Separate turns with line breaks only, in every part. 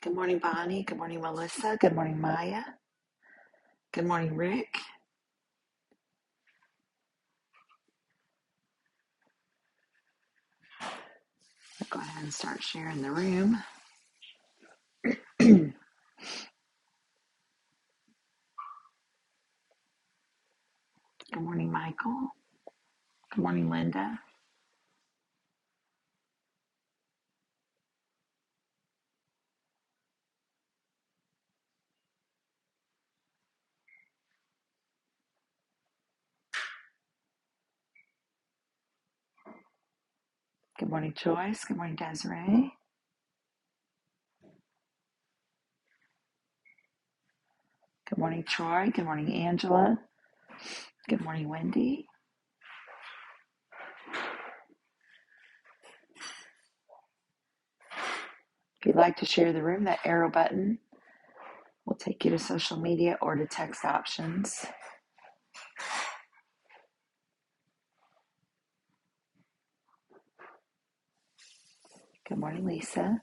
Good morning, Bonnie. Good morning, Melissa. Good morning, Maya. Good morning, Rick. We'll Go ahead and start sharing the room. Good morning, Michael. Good morning, Linda. Good morning, Joyce. Good morning, Desiree. Good morning, Troy. Good morning, Angela. Good morning, Wendy. If you'd like to share the room, that arrow button will take you to social media or to text options. Good morning, Lisa.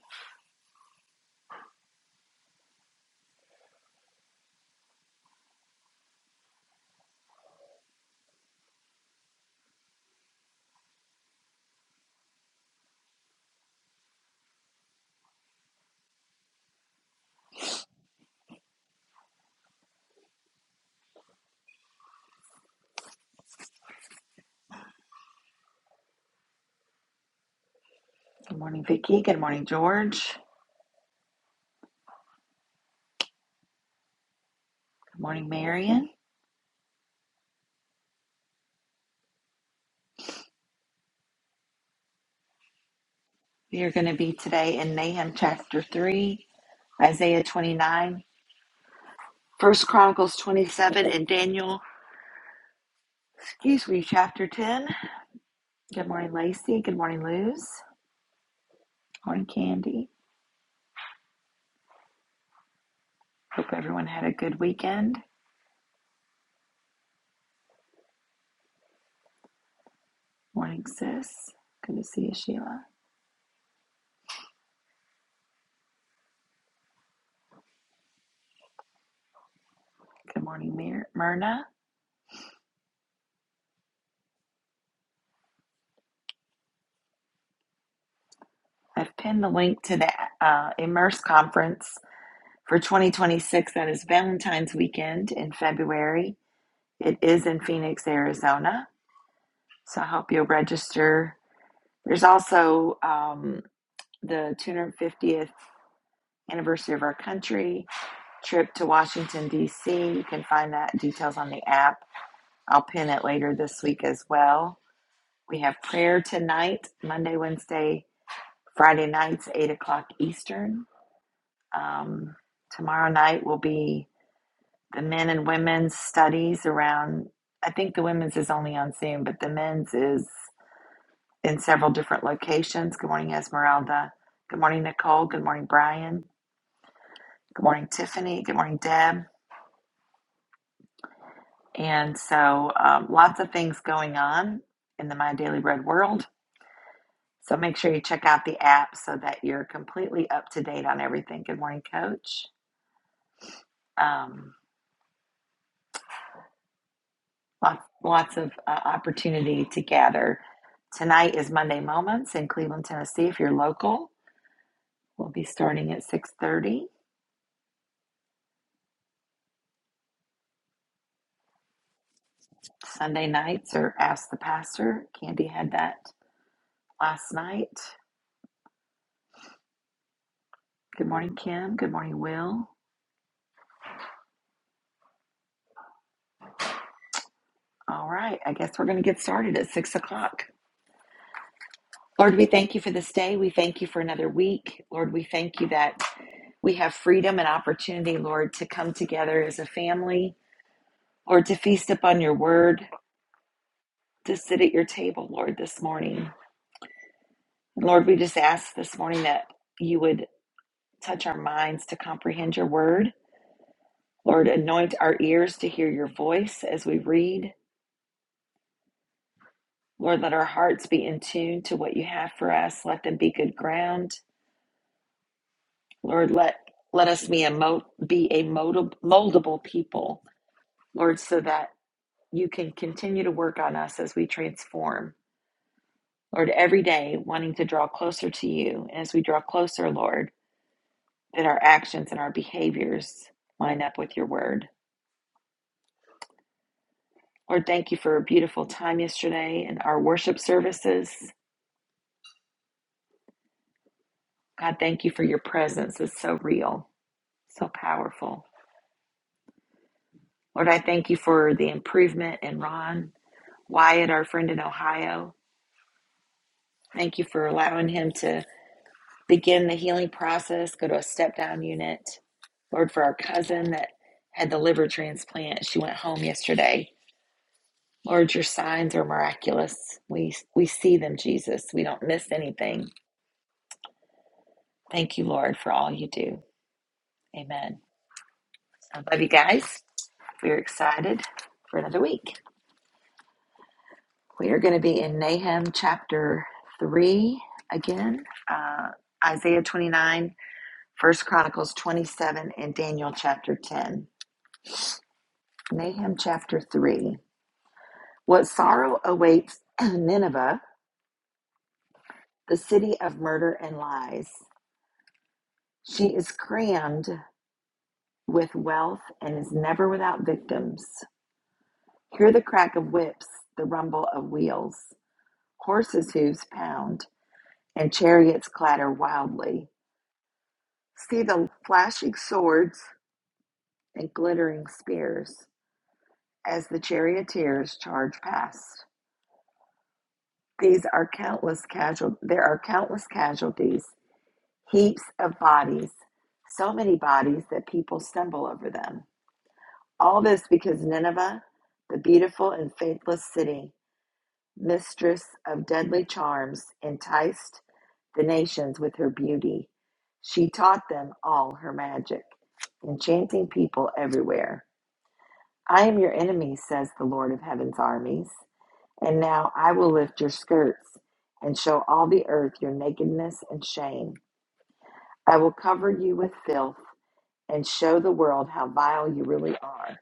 Good morning, Vicki. Good morning, George. Good morning, Marion. We are going to be today in Nahum chapter 3, Isaiah 29. First Chronicles 27 and Daniel, excuse me, chapter 10. Good morning, Lacey. Good morning, Luz. Morning, Candy. Hope everyone had a good weekend. Morning, sis. Good to see you, Sheila. Good morning, Mir- Myrna. I've pinned the link to the uh, Immerse conference for 2026. That is Valentine's weekend in February. It is in Phoenix, Arizona. So I hope you'll register. There's also um, the 250th anniversary of our country trip to Washington, D.C. You can find that details on the app. I'll pin it later this week as well. We have prayer tonight, Monday, Wednesday, Friday nights, 8 o'clock Eastern. Um, tomorrow night will be the men and women's studies around, I think the women's is only on Zoom, but the men's is in several different locations. Good morning, Esmeralda. Good morning, Nicole. Good morning, Brian. Good morning, Tiffany. Good morning, Deb. And so um, lots of things going on in the My Daily Bread world. So make sure you check out the app so that you're completely up to date on everything. Good morning, Coach. Um, lots, lots of uh, opportunity to gather. Tonight is Monday Moments in Cleveland, Tennessee. If you're local, we'll be starting at 6.30. Sunday nights are Ask the Pastor. Candy had that last night. Good morning, Kim. Good morning, Will. All right, I guess we're going to get started at 6 o'clock. Lord, we thank you for this day. We thank you for another week. Lord, we thank you that we have freedom and opportunity, Lord, to come together as a family, Lord, to feast upon your word, to sit at your table, Lord, this morning. And Lord, we just ask this morning that you would touch our minds to comprehend your word. Lord, anoint our ears to hear your voice as we read. Lord, let our hearts be in tune to what you have for us. Let them be good ground. Lord, let let us be a mo- be a moldab- moldable people, Lord, so that you can continue to work on us as we transform. Lord, every day wanting to draw closer to you, and as we draw closer, Lord, that our actions and our behaviors line up with your word. Lord, thank you for a beautiful time yesterday and our worship services. God, thank you for your presence. It's so real, so powerful. Lord, I thank you for the improvement in Ron, Wyatt, our friend in Ohio. Thank you for allowing him to begin the healing process, go to a step down unit. Lord, for our cousin that had the liver transplant, she went home yesterday. Lord, your signs are miraculous. We we see them, Jesus. We don't miss anything. Thank you, Lord, for all you do. Amen. I love you guys. We're excited for another week. We are going to be in Nahum chapter 3 again, uh, Isaiah 29 First Chronicles 27 and Daniel chapter 10. Nahum chapter 3. What sorrow awaits Nineveh, the city of murder and lies. She is crammed with wealth and is never without victims. Hear the crack of whips, the rumble of wheels. Horses' hooves pound and chariots clatter wildly. See the flashing swords and glittering spears as the charioteers charge past. These are countless casual there are countless casualties, heaps of bodies, so many bodies that people stumble over them. All this because Nineveh, the beautiful and faithless city, mistress of deadly charms, enticed the nations with her beauty. She taught them all her magic, enchanting people everywhere. I am your enemy, says the Lord of heaven's armies. And now I will lift your skirts and show all the earth your nakedness and shame. I will cover you with filth and show the world how vile you really are.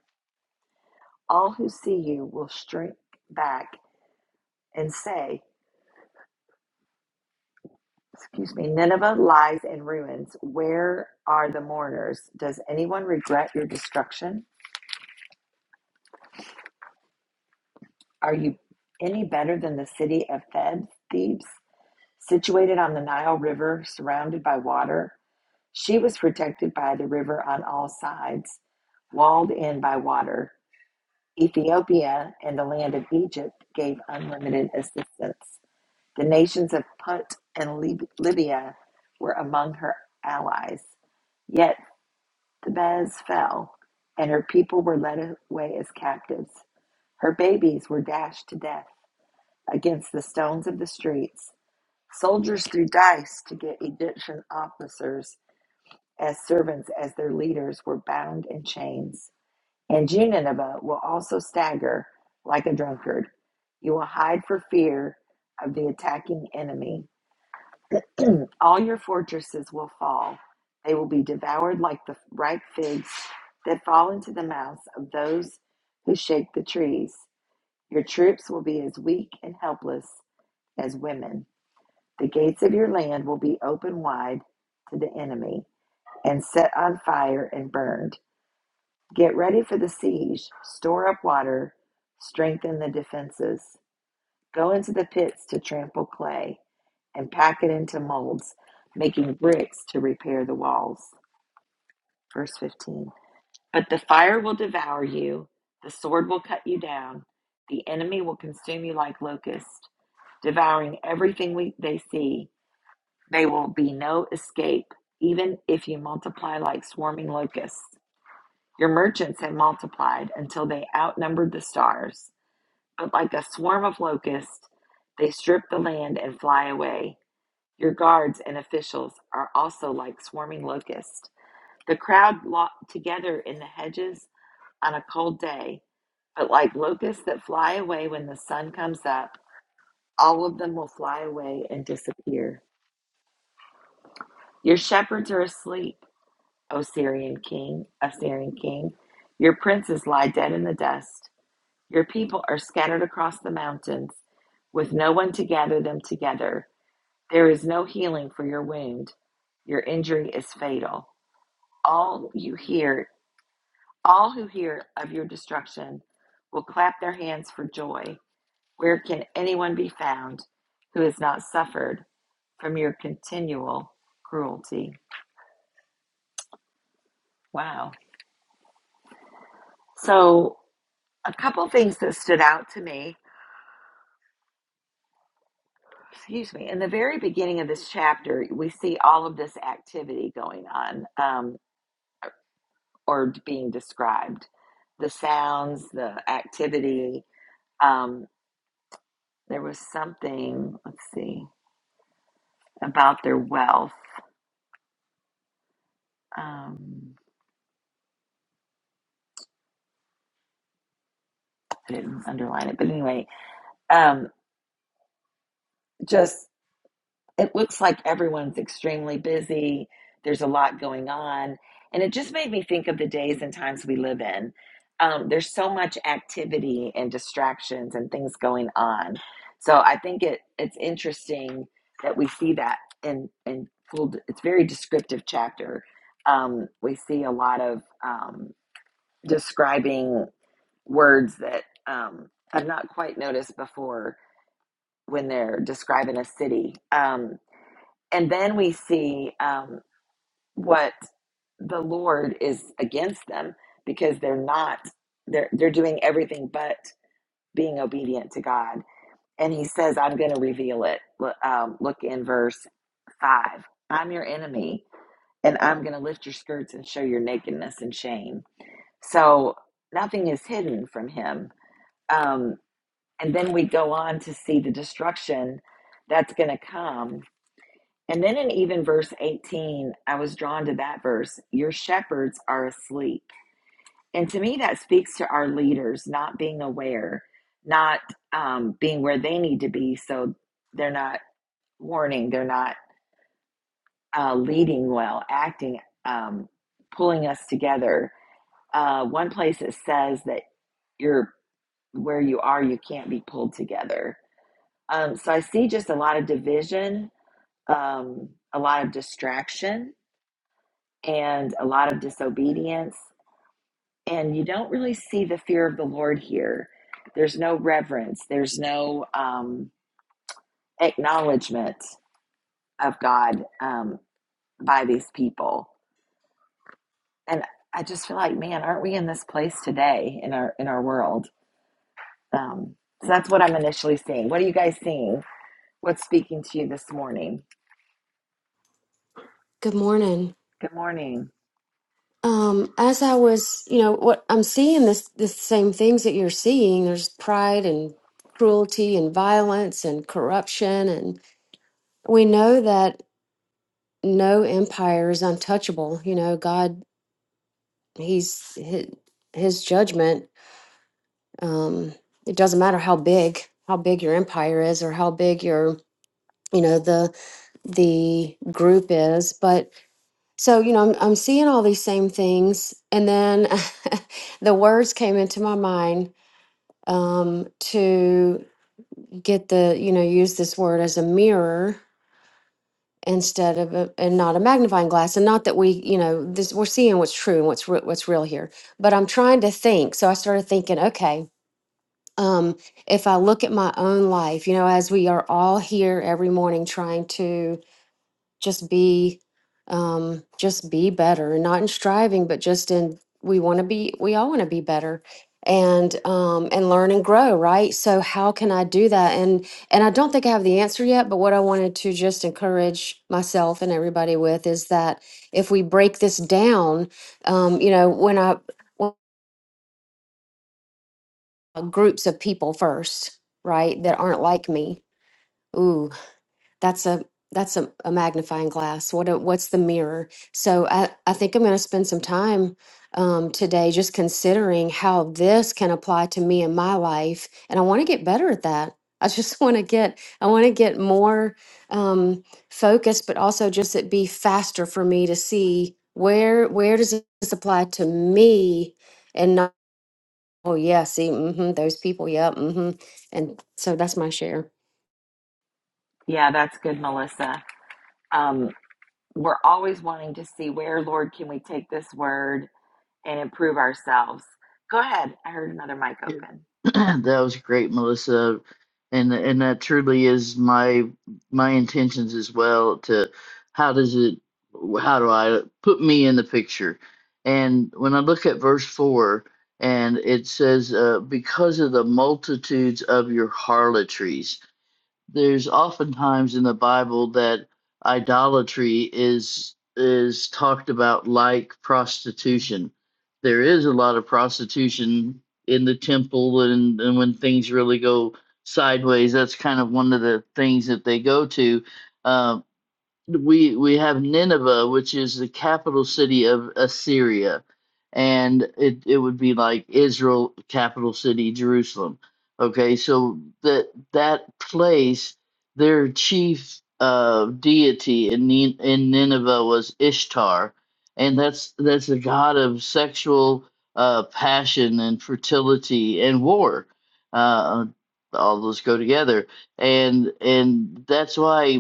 All who see you will shrink back and say, Excuse me, Nineveh lies in ruins. Where are the mourners? Does anyone regret your destruction? Are you any better than the city of Thebes, Thebes, situated on the Nile River, surrounded by water? She was protected by the river on all sides, walled in by water. Ethiopia and the land of Egypt gave unlimited assistance. The nations of Punt and Lib- Libya were among her allies. Yet Thebes fell, and her people were led away as captives. Her babies were dashed to death against the stones of the streets. Soldiers threw dice to get Egyptian officers as servants as their leaders were bound in chains. And you, Nineveh, will also stagger like a drunkard. You will hide for fear of the attacking enemy. All your fortresses will fall. They will be devoured like the ripe figs that fall into the mouths of those who shake the trees. Your troops will be as weak and helpless as women. The gates of your land will be open wide to the enemy and set on fire and burned. Get ready for the siege, store up water, strengthen the defenses. Go into the pits to trample clay and pack it into molds, making bricks to repair the walls. Verse 15. But the fire will devour you, the sword will cut you down, the enemy will consume you like locusts, devouring everything we, they see. There will be no escape, even if you multiply like swarming locusts. Your merchants had multiplied until they outnumbered the stars, but like a swarm of locusts, they strip the land and fly away. Your guards and officials are also like swarming locusts. The crowd locked together in the hedges on a cold day, but like locusts that fly away when the sun comes up, all of them will fly away and disappear. Your shepherds are asleep, O Syrian king, Assyrian king. Your princes lie dead in the dust. Your people are scattered across the mountains with no one to gather them together. There is no healing for your wound. Your injury is fatal. All you hear, all who hear of your destruction will clap their hands for joy. Where can anyone be found who has not suffered from your continual cruelty? Wow. So, a couple things that stood out to me excuse me, in the very beginning of this chapter, we see all of this activity going on um, or being described the sounds, the activity. Um, there was something, let's see, about their wealth. Um, I didn't underline it, but anyway, um, just it looks like everyone's extremely busy. There's a lot going on. And it just made me think of the days and times we live in. Um, there's so much activity and distractions and things going on. So I think it it's interesting that we see that in in full. It's very descriptive chapter. Um, we see a lot of um, describing words that um, I've not quite noticed before when they're describing a city. Um, and then we see um, what the Lord is against them because they're not they're they're doing everything but being obedient to God. And He says, "I'm going to reveal it." Look, um, look in verse five. I'm your enemy, and I'm going to lift your skirts and show your nakedness and shame. So nothing is hidden from Him. Um, and then we go on to see the destruction that's going to come And then in even verse 18, I was drawn to that verse your shepherds are asleep. And to me, that speaks to our leaders not being aware, not um, being where they need to be. So they're not warning, they're not uh, leading well, acting, um, pulling us together. Uh, one place it says that you're where you are, you can't be pulled together. Um, so I see just a lot of division, um, a lot of distraction and a lot of disobedience. And you don't really see the fear of the Lord here. There's no reverence, there's no um, acknowledgement of God um, by these people. And I just feel like, man, aren't we in this place today in our in our world? Um, so that's what I'm initially seeing. What are you guys seeing? What's speaking to you this morning?
Good morning.
Good morning.
Um, as I was, you know, what I'm seeing this the same things that you're seeing. There's pride and cruelty and violence and corruption and we know that no empire is untouchable. You know, God he's his, his judgment um it doesn't matter how big how big your empire is or how big your you know the the group is, but so you know I'm, I'm seeing all these same things and then the words came into my mind um to get the you know use this word as a mirror instead of a, and not a magnifying glass and not that we you know this we're seeing what's true and what's re- what's real here but i'm trying to think so i started thinking okay um if i look at my own life you know as we are all here every morning trying to just be um just be better and not in striving but just in we want to be we all want to be better and um and learn and grow right so how can i do that and and i don't think i have the answer yet but what i wanted to just encourage myself and everybody with is that if we break this down um you know when i when, uh, groups of people first right that aren't like me that's a that's a, a magnifying glass what a, what's the mirror so i, I think i'm going to spend some time um, today just considering how this can apply to me in my life and i want to get better at that i just want to get i want to get more um, focused but also just it be faster for me to see where where does this apply to me and not oh yeah see hmm those people yeah hmm and so that's my share
Yeah, that's good, Melissa. Um, we're always wanting to see where, Lord, can we take this word? and improve ourselves. Go ahead. I heard another mic
Yeah,
open.
that was great, Melissa, and and that truly is my my intentions as well. To how does it? How do I put me in the picture? And when I look at verse four, and it says, uh, "Because of the multitudes of your harlotries." there's oftentimes in the Bible that idolatry is is talked about like prostitution. There is a lot of prostitution in the temple and, and when things really go sideways, that's kind of one of the things that they go to. Um, we we have Nineveh, which is the capital city of Assyria, and it it would be like Israel, capital city Jerusalem. Okay, so that that place, their chief uh, deity in Nin- in Nineveh was Ishtar, and that's that's the god of sexual uh, passion and fertility and war. Uh, all those go together and and that's why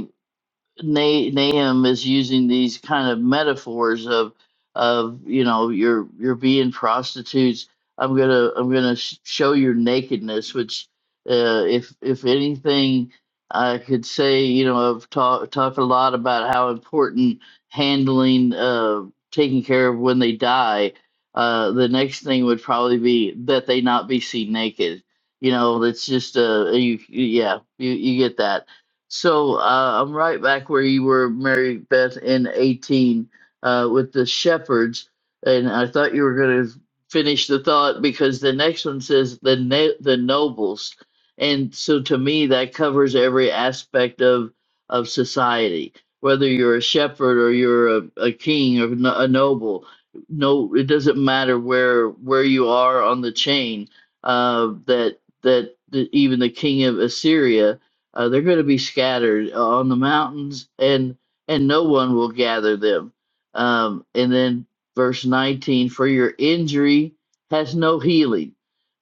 Na- Nahum is using these kind of metaphors of of you know you're you're being prostitutes. I'm gonna I'm gonna sh- show your nakedness, which uh, if if anything I could say you know I've talked talked a lot about how important handling uh, taking care of when they die. Uh, the next thing would probably be that they not be seen naked. You know, that's just uh, you, you yeah you you get that so uh, I'm right back where you were, Mary Beth, in 18 uh, with the shepherds. And I thought you were going to finish the thought because the next one says the ne- the nobles. And so to me, that covers every aspect of, of society, whether you're a shepherd or you're a, a king or no- a noble. No, it doesn't matter where where you are on the chain. Uh, that that the, even the king of Assyria uh, they're going to be scattered uh, on the mountains, and and no one will gather them. Um, and then verse 19: For your injury has no healing.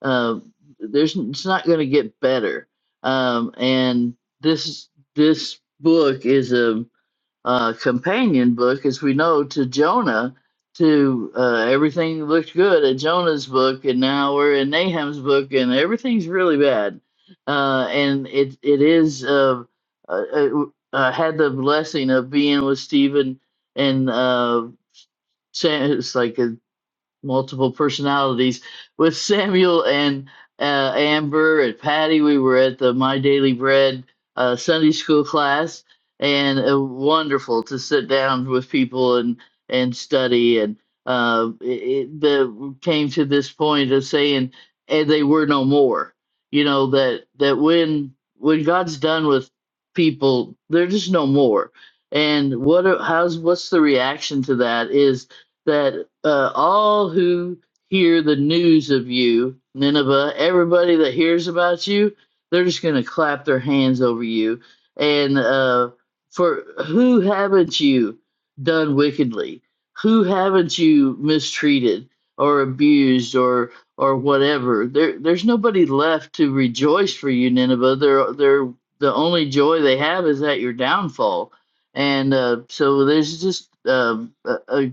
Uh, there's it's not going to get better. Um, and this this book is a uh, companion book, as we know, to Jonah. To uh, everything looked good at Jonah's book, and now we're in Nahum's book, and everything's really bad. Uh, and it it is uh, uh, uh, uh, had the blessing of being with Stephen and uh, Sam. It's like uh, multiple personalities with Samuel and uh, Amber and Patty. We were at the My Daily Bread uh, Sunday school class, and uh, wonderful to sit down with people and and study. And uh, it, it, the came to this point of saying, "And they were no more." You know that that when when God's done with people, they're just no more. And what? are- How's? What's the reaction to that? Is that uh, all who hear the news of you, Nineveh, everybody that hears about you, they're just going to clap their hands over you. And uh, for who haven't you done wickedly? Who haven't you mistreated or abused or or whatever? There, there's nobody left to rejoice for you, Nineveh. They're, they're, the only joy they have is at your downfall. And uh, so there's just um, a, a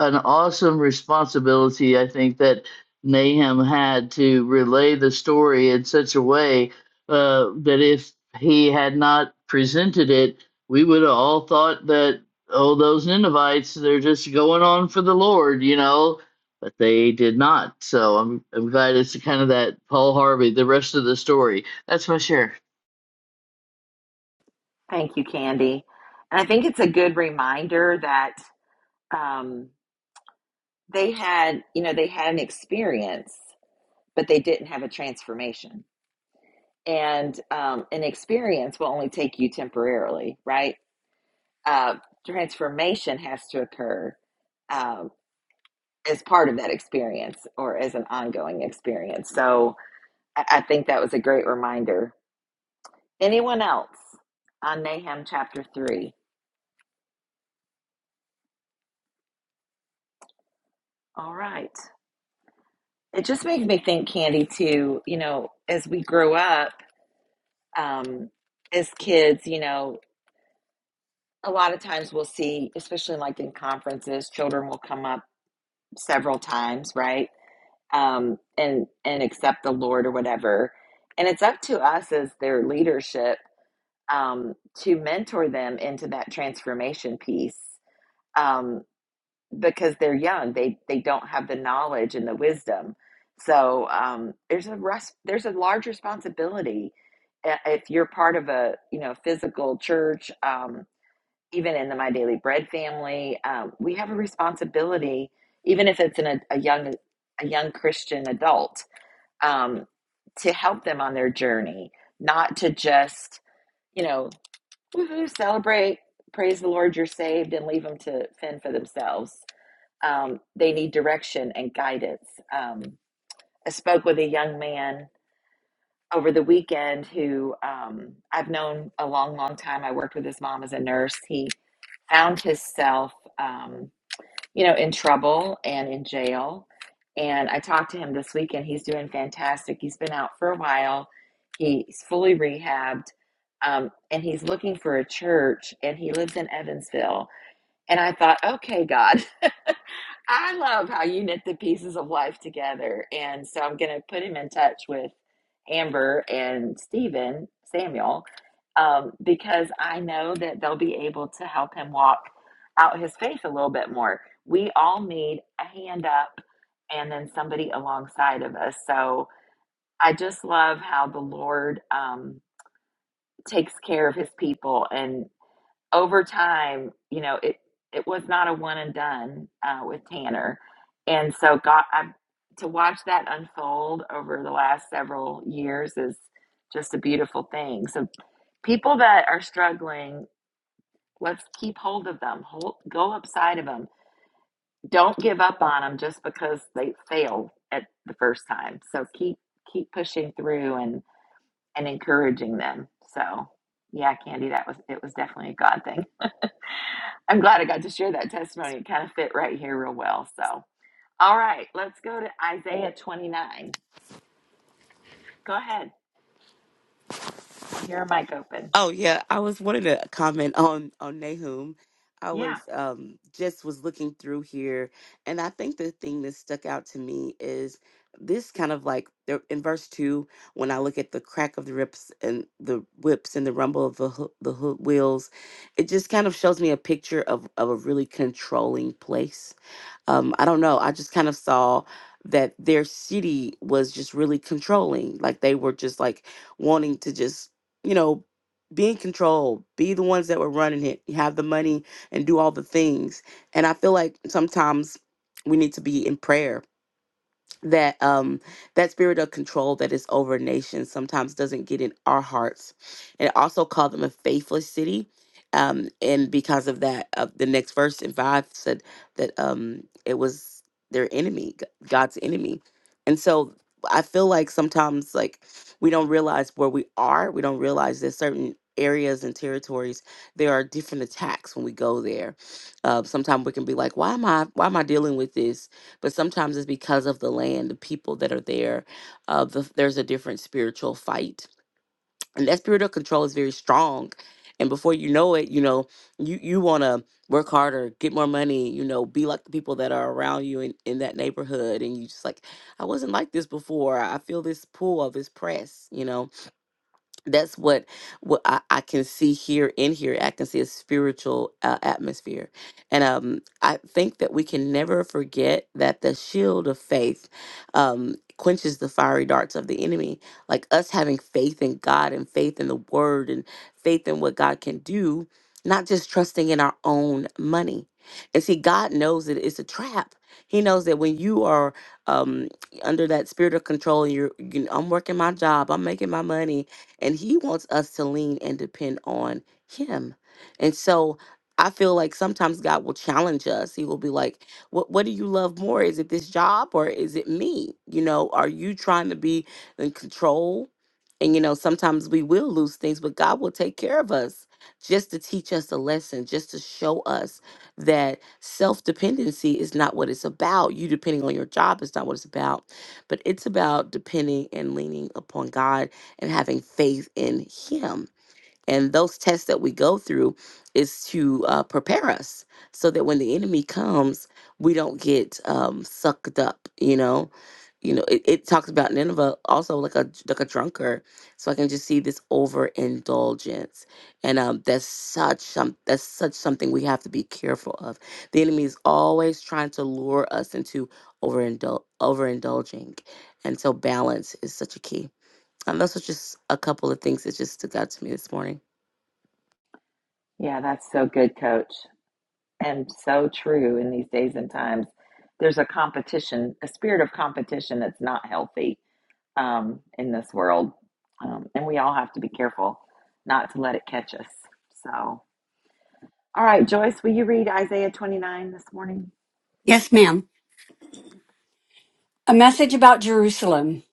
an awesome responsibility, I think, that Nahum had to relay the story in such a way uh, that if he had not presented it, we would have all thought that, oh, those Ninevites, they're just going on for the Lord, you know? But they did not. So I'm, I'm glad it's kind of that Paul Harvey, the rest of the story. That's my share.
Thank you, Candy. And I think it's a good reminder that um, they had, you know, they had an experience, but they didn't have a transformation. And um, an experience will only take you temporarily, right? Uh, transformation has to occur um, as part of that experience or as an ongoing experience. So I, I think that was a great reminder Anyone else on Nahum chapter 3? All right. It just makes me think, Candy, too, you know, as we grow up um, as kids, you know, a lot of times we'll see, especially like in conferences, children will come up several times, right? Um, and and accept the Lord or whatever. And it's up to us as their leadership um, to mentor them into that transformation piece. Um, because they're young they they don't have the knowledge and the wisdom so um, there's a res- there's a large responsibility i- if you're part of a you know physical church um, even in the my daily bread family um, we have a responsibility even if it's in a, a young a young christian adult um, to help them on their journey not to just you know woohoo celebrate praise the lord you're saved and leave them to fend for themselves um, they need direction and guidance. Um, I spoke with a young man over the weekend who um, I've known a long, long time. I worked with his mom as a nurse. He found himself, um, you know, in trouble and in jail. And I talked to him this weekend. He's doing fantastic. He's been out for a while. He's fully rehabbed, um, and he's looking for a church. And he lives in Evansville. And I thought, okay, God. I love how you knit the pieces of life together. And so I'm going to put him in touch with Amber and Stephen Samuel um, because I know that they'll be able to help him walk out his faith a little bit more. We all need a hand up and then somebody alongside of us. So I just love how the Lord um, takes care of his people. and over time, you know, it it was not a one and done uh, with Tanner, and so God, I, to watch that unfold over the last several years is just a beautiful thing. So people that are struggling, let's keep hold of them, hold, go upside of them. Don't give up on them just because they failed at the first time. So keep keep pushing through and and encouraging them. So yeah, Candy, that was it was definitely a God thing. I'm glad I got to share that testimony. It kind of fit right here real well. So, all right, let's go to Isaiah 29. Go ahead. I hear a mic open.
Oh yeah, I was wanting to comment on on Nahum. I
Yeah.
was um just was looking through here, and I think the thing that stuck out to me is this kind of like the- in verse two when I look at the crack of the rips and the whips and the rumble of the hoo- the hoo- wheels, it just kind of shows me a picture of of a really controlling place um, I don't know. I just kind of saw that their city was just really controlling. Like they were just like wanting to just, you know, be in control, be the ones that were running it, have the money and do all the things. And I feel like sometimes we need to be in prayer that um that spirit of control that is over nations sometimes doesn't get in our hearts and it also called them a faithless city um and because of that uh, the next verse in five said that um it was their enemy G- god's enemy and so i feel like sometimes like we don't realize where we are we don't realize that certain areas and territories there are different attacks when we go there uh, sometimes we can be like why am i why am i dealing with this but sometimes it's because of the land, the people that are there. Uh, the, there's a different spiritual fight, and that spirit of control is very strong. And before you know it, you know you you want to work harder, get more money, you know, be like the people that are around you in in that neighborhood, and you just like, I wasn't like this before. I feel this pull of this press, you know that's what what I, I can see here in here. I can see a spiritual uh, atmosphere, and um, I think that we can never forget that the shield of faith um, quenches the fiery darts of the enemy. Like us having faith in God and faith in the Word and faith in what God can do, not just trusting in our own money. And see, God knows that it's a trap. He knows that when you are um, under that spirit of control, you're, you know, I'm working my job, I'm making my money, and he wants us to lean and depend on him. And so I feel like sometimes God will challenge us. He will be like, "What what do you love more? Is it this job or is it me? You know, are you trying to be in control?" And you know, sometimes we will lose things, but God will take care of us just to teach us a lesson, just to show us that self-dependency is not what it's about. You depending on your job is not what it's about, but it's about depending and leaning upon God and having faith in Him. And those tests that we go through is to uh, prepare us so that when the enemy comes, we don't get um, sucked up. You know, you know. It, it talks about Nineveh also like a like a drunkard. So I can just see this overindulgence, and um, that's such some that's such something we have to be careful of. The enemy is always trying to lure us into overindul overindulging, and so balance is such a key. Um, those are just a couple of things that just stuck out to me this morning.
Yeah, that's so good, coach. And so true in these days and times. There's a competition, a spirit of competition that's not healthy um, in this world. Um, and we all have to be careful not to let it catch us. So, all right, Joyce, will you read Isaiah 29 this morning?
Yes, ma'am. A message about Jerusalem.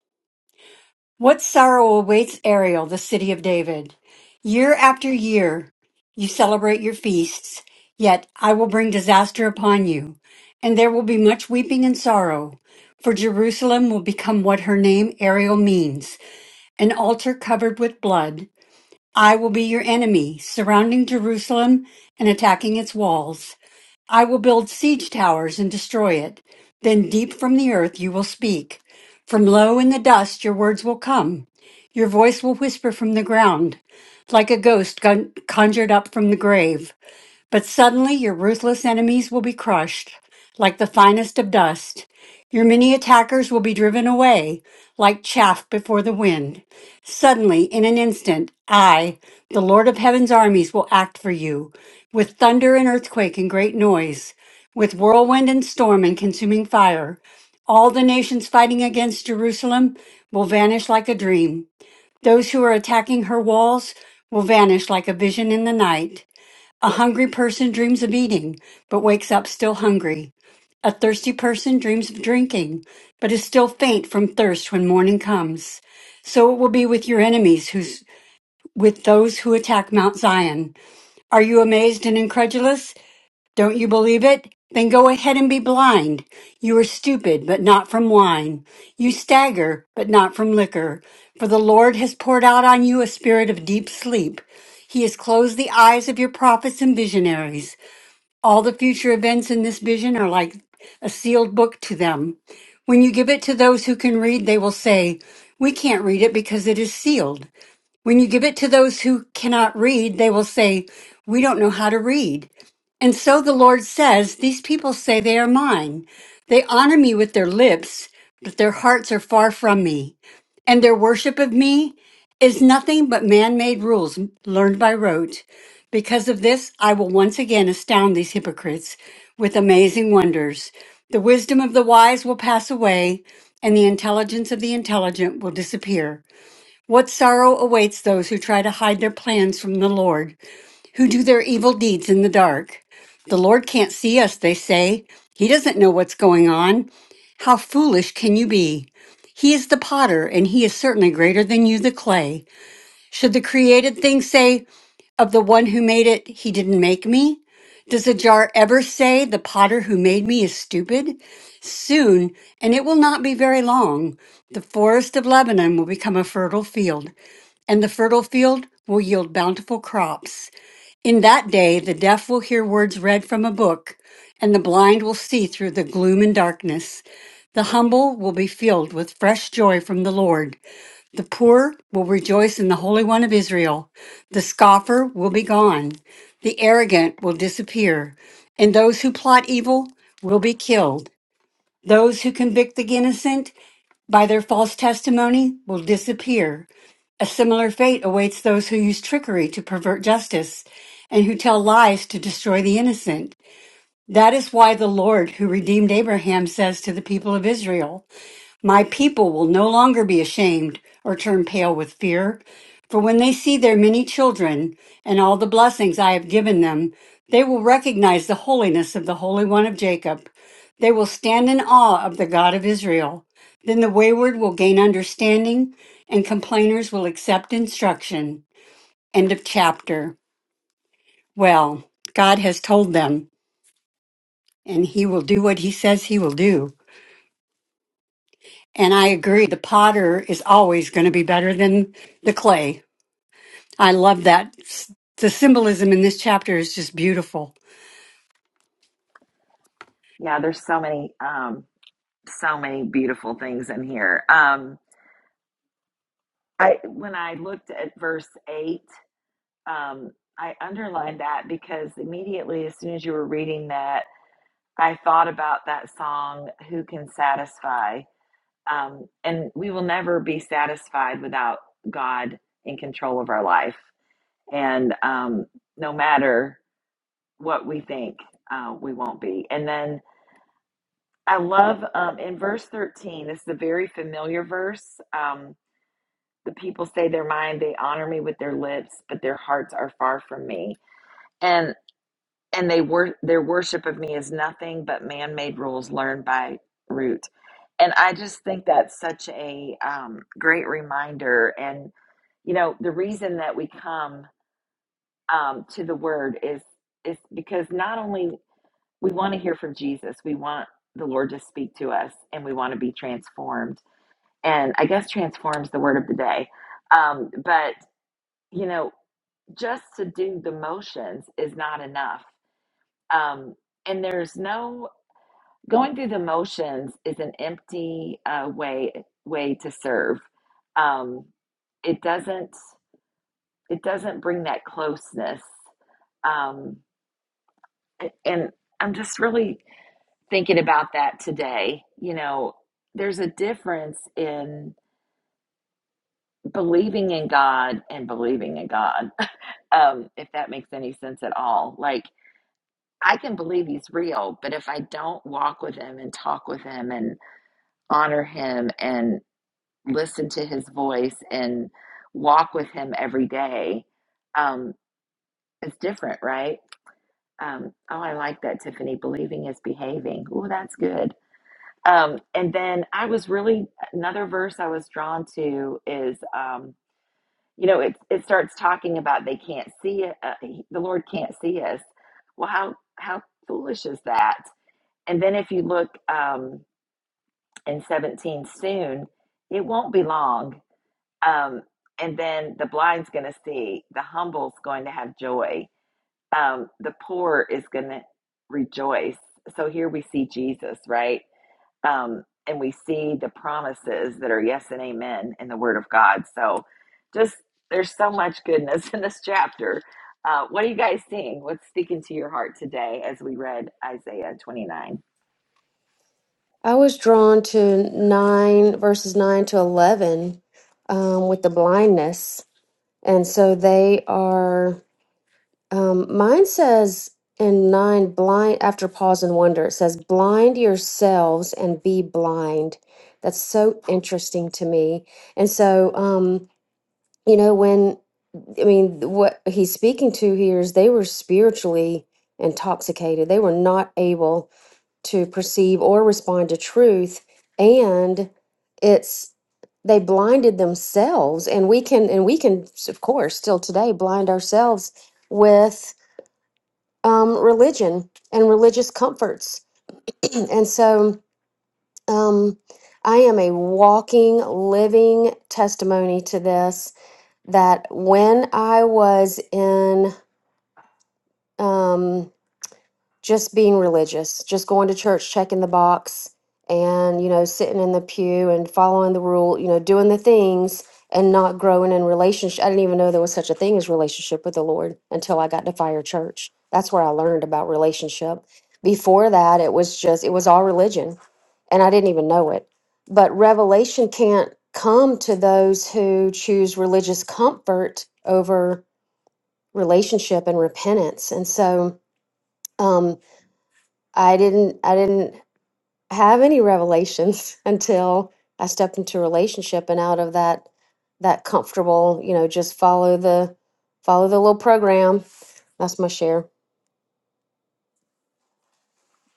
What sorrow awaits Ariel, the city of David? Year after year, you celebrate your feasts, yet I will bring disaster upon you, and there will be much weeping and sorrow. For Jerusalem will become what her name Ariel means, an altar covered with blood. I will be your enemy, surrounding Jerusalem and attacking its walls. I will build siege towers and destroy it. Then deep from the earth you will speak. From low in the dust your words will come. Your voice will whisper from the ground, like a ghost gun- conjured up from the grave. But suddenly your ruthless enemies will be crushed like the finest of dust. Your many attackers will be driven away like chaff before the wind. Suddenly, in an instant, I, the Lord of heaven's armies, will act for you with thunder and earthquake and great noise, with whirlwind and storm and consuming fire. All the nations fighting against Jerusalem will vanish like a dream. Those who are attacking her walls will vanish like a vision in the night. A hungry person dreams of eating, but wakes up still hungry. A thirsty person dreams of drinking, but is still faint from thirst when morning comes. So it will be with your enemies who's with those who attack Mount Zion. Are you amazed and incredulous? Don't you believe it? Then go ahead and be blind. You are stupid, but not from wine. You stagger, but not from liquor. For the Lord has poured out on you a spirit of deep sleep. He has closed the eyes of your prophets and visionaries. All the future events in this vision are like a sealed book to them. When you give it to those who can read, they will say, We can't read it because it is sealed. When you give it to those who cannot read, they will say, We don't know how to read. And so the Lord says, These people say they are mine. They honor me with their lips, but their hearts are far from me and their worship of me is nothing but man made rules learned by rote. Because of this, I will once again astound these hypocrites with amazing wonders. The wisdom of the wise will pass away, and the intelligence of the intelligent will disappear. What sorrow awaits those who try to hide their plans from the Lord, who do their evil deeds in the dark? The Lord can't see us, they say. He doesn't know what's going on. How foolish can you be? He is the potter, and he is certainly greater than you, the clay. Should the created thing say of the one who made it, he didn't make me? Does a jar ever say, the potter who made me is stupid? Soon, and it will not be very long, the forest of Lebanon will become a fertile field, and the fertile field will yield bountiful crops. In that day, the deaf will hear words read from a book, and the blind will see through the gloom and darkness. The humble will be filled with fresh joy from the Lord. The poor will rejoice in the Holy One of Israel. The scoffer will be gone. The arrogant will disappear. And those who plot evil will be killed. Those who convict the innocent by their false testimony will disappear. A similar fate awaits those who use trickery to pervert justice and who tell lies to destroy the innocent. That is why the Lord who redeemed Abraham says to the people of Israel, my people will no longer be ashamed or turn pale with fear, for when they see their many children and all the blessings I have given them, they will recognize the holiness of the Holy One of Jacob. They will stand in awe of the God of Israel. Then the wayward will gain understanding, and complainers will accept instruction. End of chapter. Well, God has told them, and He will do what He says He will do. And I agree, the potter is always going to be better than the clay. I love that. S- The symbolism in this chapter is just beautiful.
Yeah, there's so many. um, so many beautiful things in here. Um, I when I looked at verse eight, um, I underlined that because immediately, as soon as you were reading that, I thought about that song, "Who Can Satisfy," um, and we will never be satisfied without God in control of our life, and um, no matter what we think, uh, we won't be. And then I love um, in verse thirteen. This is a very familiar verse. Um, The people say their mind, they honor me with their lips, but their hearts are far from me. And and they wor- their worship of me is nothing but man-made rules learned by root. And I just think that's such a um, great reminder. And you know, the reason that we come um, to the Word is is because not only we want to hear from Jesus, we want the Lord to speak to us, and we want to be transformed. And I guess transforms the word of the day. Um, but you know, just to do the motions is not enough. Um, and there's no going through the motions is an empty uh, way way to serve. Um, it doesn't it doesn't bring that closeness. Um, a- and I'm just really thinking about that today. You know, there's a difference in believing in God and believing in God. um, if that makes any sense at all, like I can believe he's real, but if I don't walk with him and talk with him and honor him and listen to his voice and walk with him every day, um, it's different, right? Um, oh, I like that, Tiffany. Believing is behaving. Oh, that's good. Um, and then I was really another verse I was drawn to is um, you know it it starts talking about they can't see it, uh, the Lord can't see us. Well, how how foolish is that? And then if you look um, in 17 soon, it won't be long. Um, and then the blind's going to see, the humble's going to have joy, um, the poor is going to rejoice. So here we see Jesus, right? Um, and we see the promises that are yes and amen in the Word of God. So just there's so much goodness in this chapter. Uh, what are you guys seeing? What's speaking to your heart today as we read Isaiah 29?
I was drawn to 9 verses 9 to 11 um, with the blindness. And so they are, um, mine says in 9, blind, after pause and wonder, it says, blind yourselves and be blind. That's so interesting to me. And so, um, you know, when, I mean, what he's speaking to here is they were spiritually intoxicated, they were not able to perceive or respond to truth and it's they blinded themselves and we can and we can of course still today blind ourselves with um, religion and religious comforts and so um, i am a walking living testimony to this that when i was in um, just being religious, just going to church, checking the box, and you know, sitting in the pew and following the rule, you know, doing the things and not growing in relationship. I didn't even know there was such a thing as relationship with the Lord until I got to fire church. That's where I learned about relationship. Before that, it was just it was all religion, and I didn't even know it. But revelation can't come to those who choose religious comfort over relationship and repentance. And so, um, I didn't I didn't have any revelations until I stepped into a relationship and out of that that comfortable, you know, just follow the follow the little program. That's my share.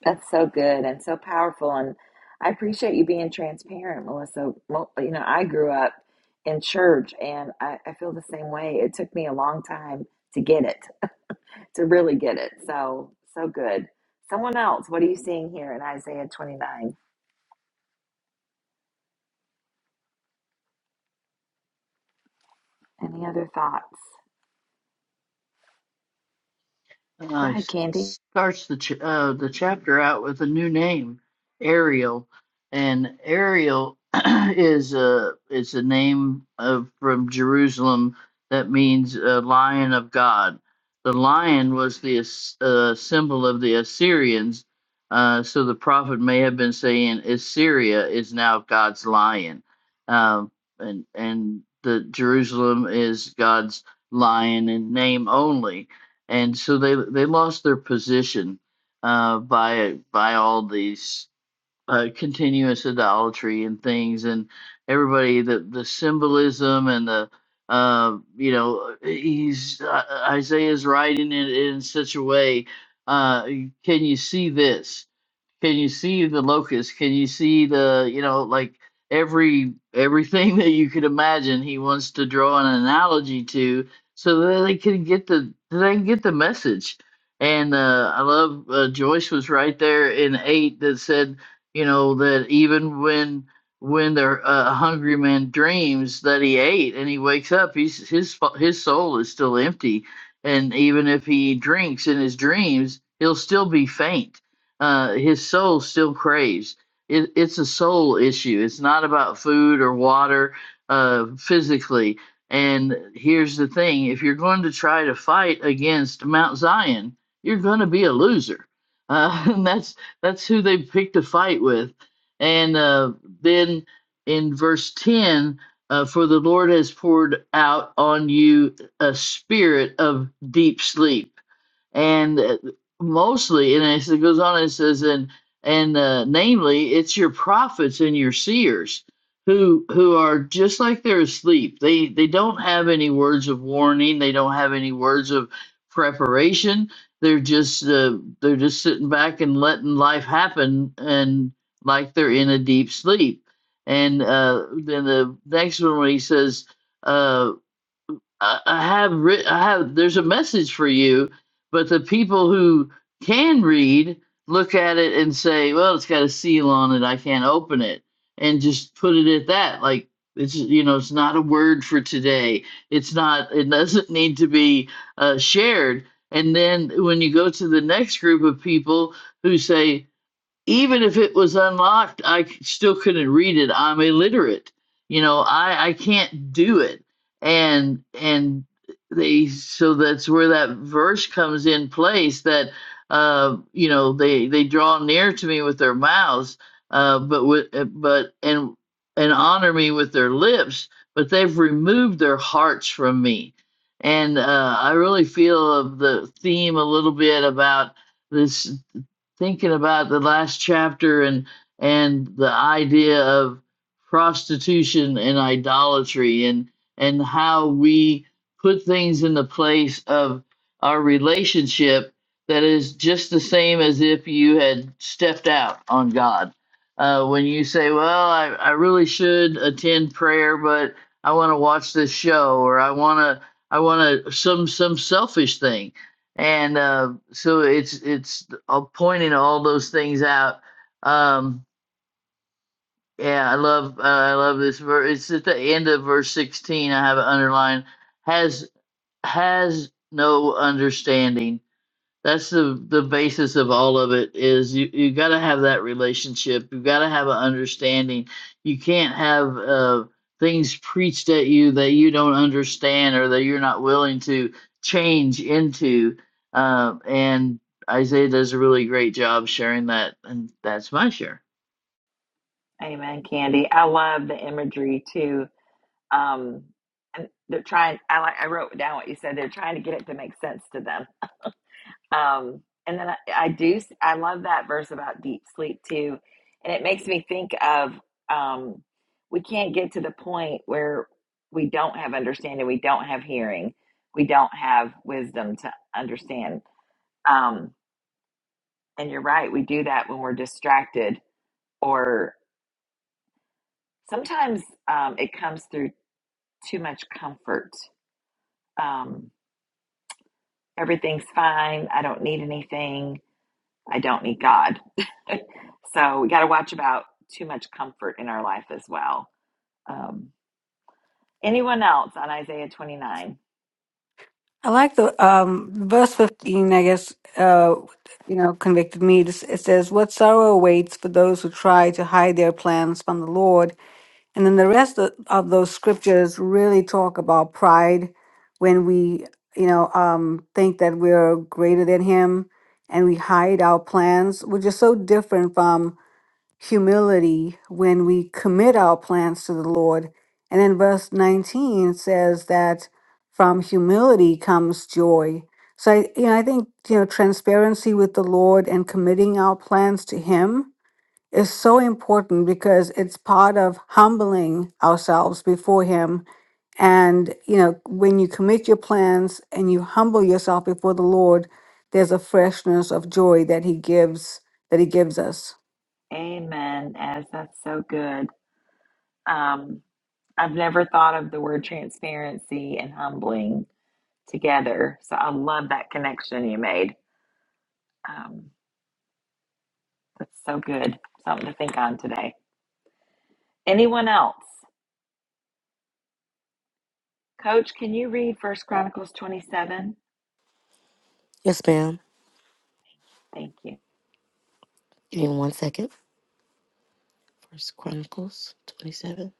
That's so good and so powerful. And I appreciate you being transparent, Melissa. Mo- You know, I grew up in church and I, I feel the same way. It took me a long time to get it, to really get it. So, so good. Someone else, what are you seeing here in Isaiah 29? Any other thoughts? Go
uh,
ahead, Candy.
starts the ch- uh, the chapter out with a new name, Ariel, and Ariel is a is a name of from Jerusalem that means uh, lion of God. The lion was the As- uh, symbol of the Assyrians, uh, so the prophet may have been saying Assyria is now God's lion, um, and and the Jerusalem is God's lion in name only and so they they lost their position uh, by by all these uh, continuous idolatry and things, and everybody the the symbolism and the uh, you know he's uh, Isaiah's writing it in such a way. Uh, can you see this? Can you see the locust? Can you see the, you know, like every everything that you could imagine he wants to draw an analogy to so that they can get the they can get the message. And uh, I love uh, Joyce was right there in eight that said, you know, that even when when the uh, hungry man dreams that he ate and he wakes up, he's his his soul is still empty, and even if he drinks in his dreams, he'll still be faint uh, his soul still craves. It, it's a soul issue. It's not about food or water uh, physically. And here's the thing if you're going to try to fight against Mount Zion, you're going to be a loser. Uh, and that's that's who they picked a fight with. And uh, then in verse 10, uh, for the Lord has poured out on you a spirit of deep sleep and uh, mostly and it goes on it says and and uh, namely it's your prophets and your seers who who are just like they're asleep they they don't have any words of warning they don't have any words of preparation they're just uh, they're just sitting back and letting life happen and like they're in a deep sleep and uh, then the next one when he says uh, I, I have writ- I have there's a message for you, but the people who can read look at it and say, well, it's got a seal on it, I can't open it, and just put it at that. Like it's you know, it's not a word for today. It's not. It doesn't need to be uh, shared. And then when you go to the next group of people who say, even if it was unlocked, I c- still couldn't read it. I'm illiterate. You know, I I can't do it. And and they so that's where that verse comes in place that uh you know they they draw near to me with their mouths uh but with uh, but and and honor me with their lips but they've removed their hearts from me and uh I really feel of the theme a little bit about this thinking about the last chapter and and the idea of prostitution and idolatry and and how we put things in the place of our relationship that is just the same as if you had stepped out on God. Uh, when you say, "Well, I, I really should attend prayer, but I want to watch this show," or "I want to," I want to some some selfish thing and uh, so it's it's uh, pointing all those things out. Um, yeah, I love uh, I love this verse. It's at the end of verse sixteen. I have it underlined. Has has no understanding. That's the the basis of all of it is you you got to have that relationship. You got to have an understanding. You can't have uh, things preached at you that you don't understand or that you're not willing to change into. Uh, and Isaiah does a really great job sharing that, and that's my share.
Amen, Candy. I love the imagery too. Um, and they're trying, I like, I wrote down what you said. They're trying to get it to make sense to them Um, and then I, I do, I love that verse about deep sleep too. And it makes me think of um, we can't get to the point where we don't have understanding, we don't have hearing, we don't have wisdom to understand. Um, and you're right, we do that when we're distracted, or sometimes um, it comes through too much comfort. Um, everything's fine, I don't need anything I don't need God. so we got to watch about too much comfort in our life as well. Um, anyone else on Isaiah 29?
I like the um, verse 15, I guess, uh, you know, convicted me. This- It says, What sorrow awaits for those who try to hide their plans from the Lord. And then the rest of, of those scriptures really talk about pride when we, you know, um, think that we're greater than Him and we hide our plans, which is so different from humility when we commit our plans to the Lord. And then verse 19 says that from humility comes joy. So I, you know, I think you know transparency with the Lord and committing our plans to Him is so important because it's part of humbling ourselves before Him. And you know, when you commit your plans and you humble yourself before the Lord, there's a freshness of joy that He gives that He gives us.
Amen. As that's so good. Um, I've never thought of the word transparency and humbling together. So I love that connection you made. Um, that's so good. Something to think on today. Anyone else? Coach, can you read First Chronicles 27?
Yes, ma'am.
Thank you.
Give me one second. First Chronicles 27.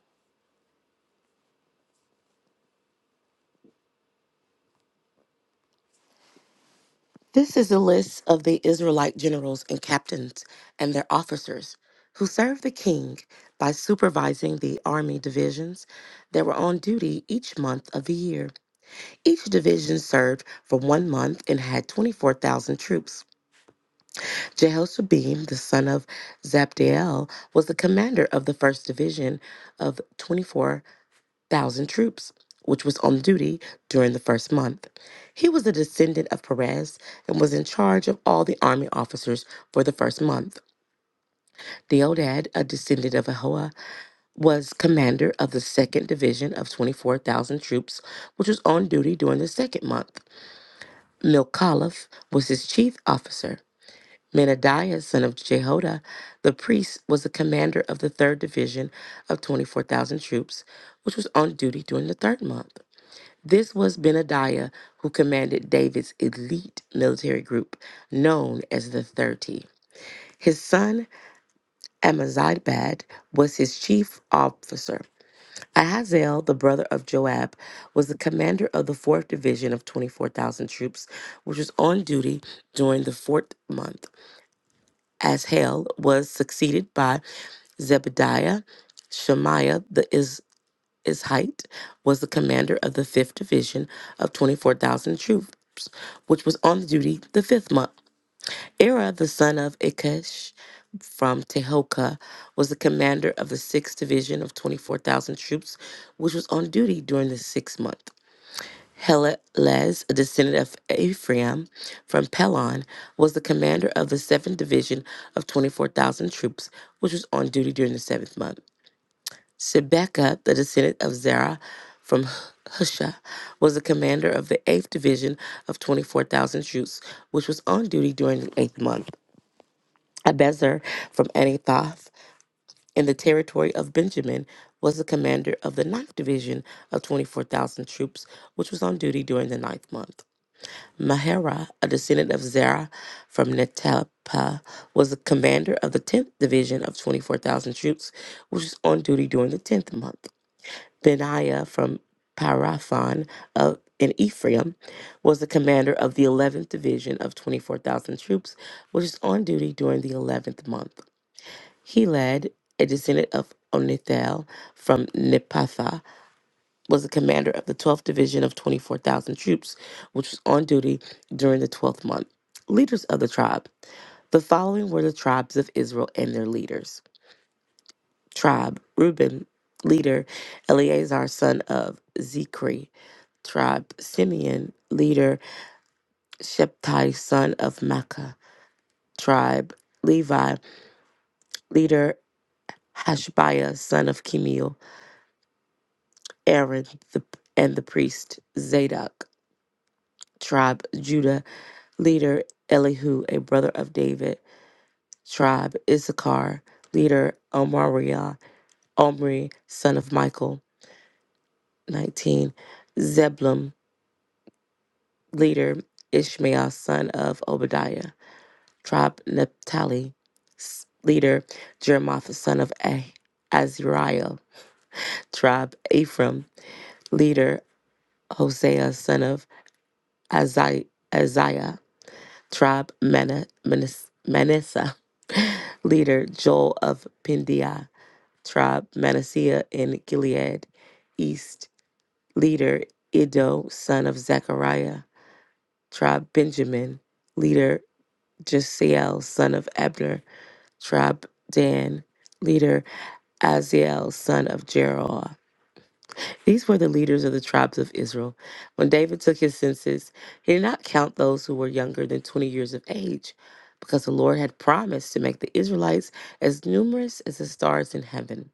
This is a list of the Israelite generals and captains and their officers who served the king by supervising the army divisions that were on duty each month of the year. Each division served for one month and had 24,000 troops. Jehoshabeam, the son of Zabdiel, was the commander of the first division of twenty-four. thousand troops, which was on duty during the first month. He was a descendant of Perez and was in charge of all the army officers for the first month. Deodad, a descendant of Ahoa, was commander of the second division of 24,000 troops, which was on duty during the second month. Milcaliph was his chief officer. Menadiah, son of Jehoda, the priest, was the commander of the third division of 24,000 troops, which was on duty during the third month. This was Benadiah who commanded David's elite military group, known as the 30. His son Amazibad was his chief officer. Ahazel, the brother of Joab, was the commander of the 4th Division of 24,000 troops, which was on duty during the fourth month. Ashel was succeeded by Zebediah, Shemaiah, the Izraelite. His height was the commander of the 5th Division of 24,000 troops, which was on duty the 5th month. Era, the son of Ikesh from Tehoka, was the commander of the 6th Division of 24,000 troops, which was on duty during the 6th month. Helelez, a descendant of Ephraim from Pelon, was the commander of the 7th Division of 24,000 troops, which was on duty during the 7th month. Shebekah, the descendant of Zerah from H- Husha, was the commander of the 8th Division of 24,000 troops, which was on duty during the 8th month. Abezer from Anathoth in the territory of Benjamin was the commander of the ninth Division of 24,000 troops, which was on duty during the ninth month. Maherah, a descendant of Zerah from Netapah, was the commander of the 10th Division of 24,000 troops, which was on duty during the 10th month. Benaiah from Paraphon of in Ephraim was the commander of the 11th division of 24,000 troops, which is on duty during the 11th month. He led a descendant of Onithel from Nepatha, was the commander of the 12th division of 24,000 troops, which was on duty during the 12th month. Leaders of the tribe. The following were the tribes of Israel and their leaders. Tribe, Reuben, leader, Eleazar, son of Zikri tribe Simeon, leader Shepti, son of Makkah, tribe Levi, leader Hashbiah, son of Chemiel, Aaron the, and the priest Zadok, tribe Judah, leader Elihu, a brother of David, tribe Issachar, leader Omariah, Omri, son of Michael, 19, Zebulun, leader Ishmael, son of Obadiah. tribe Naphtali, leader Jeremoth, son of Ah- Azariah, tribe Ephraim, leader Hosea, son of Azai- Isaiah, tribe Mana- Manas- Manasseh, leader Joel of Pindiah, tribe Manasseh in Gilead, east, leader Ido, son of Zechariah, tribe Benjamin, leader Jasiel, son of Abner, tribe Dan, leader Aziel, son of Jeroah. These were the leaders of the tribes of Israel. When David took his census, he did not count those who were younger than 20 years of age, because the Lord had promised to make the Israelites as numerous as the stars in heaven.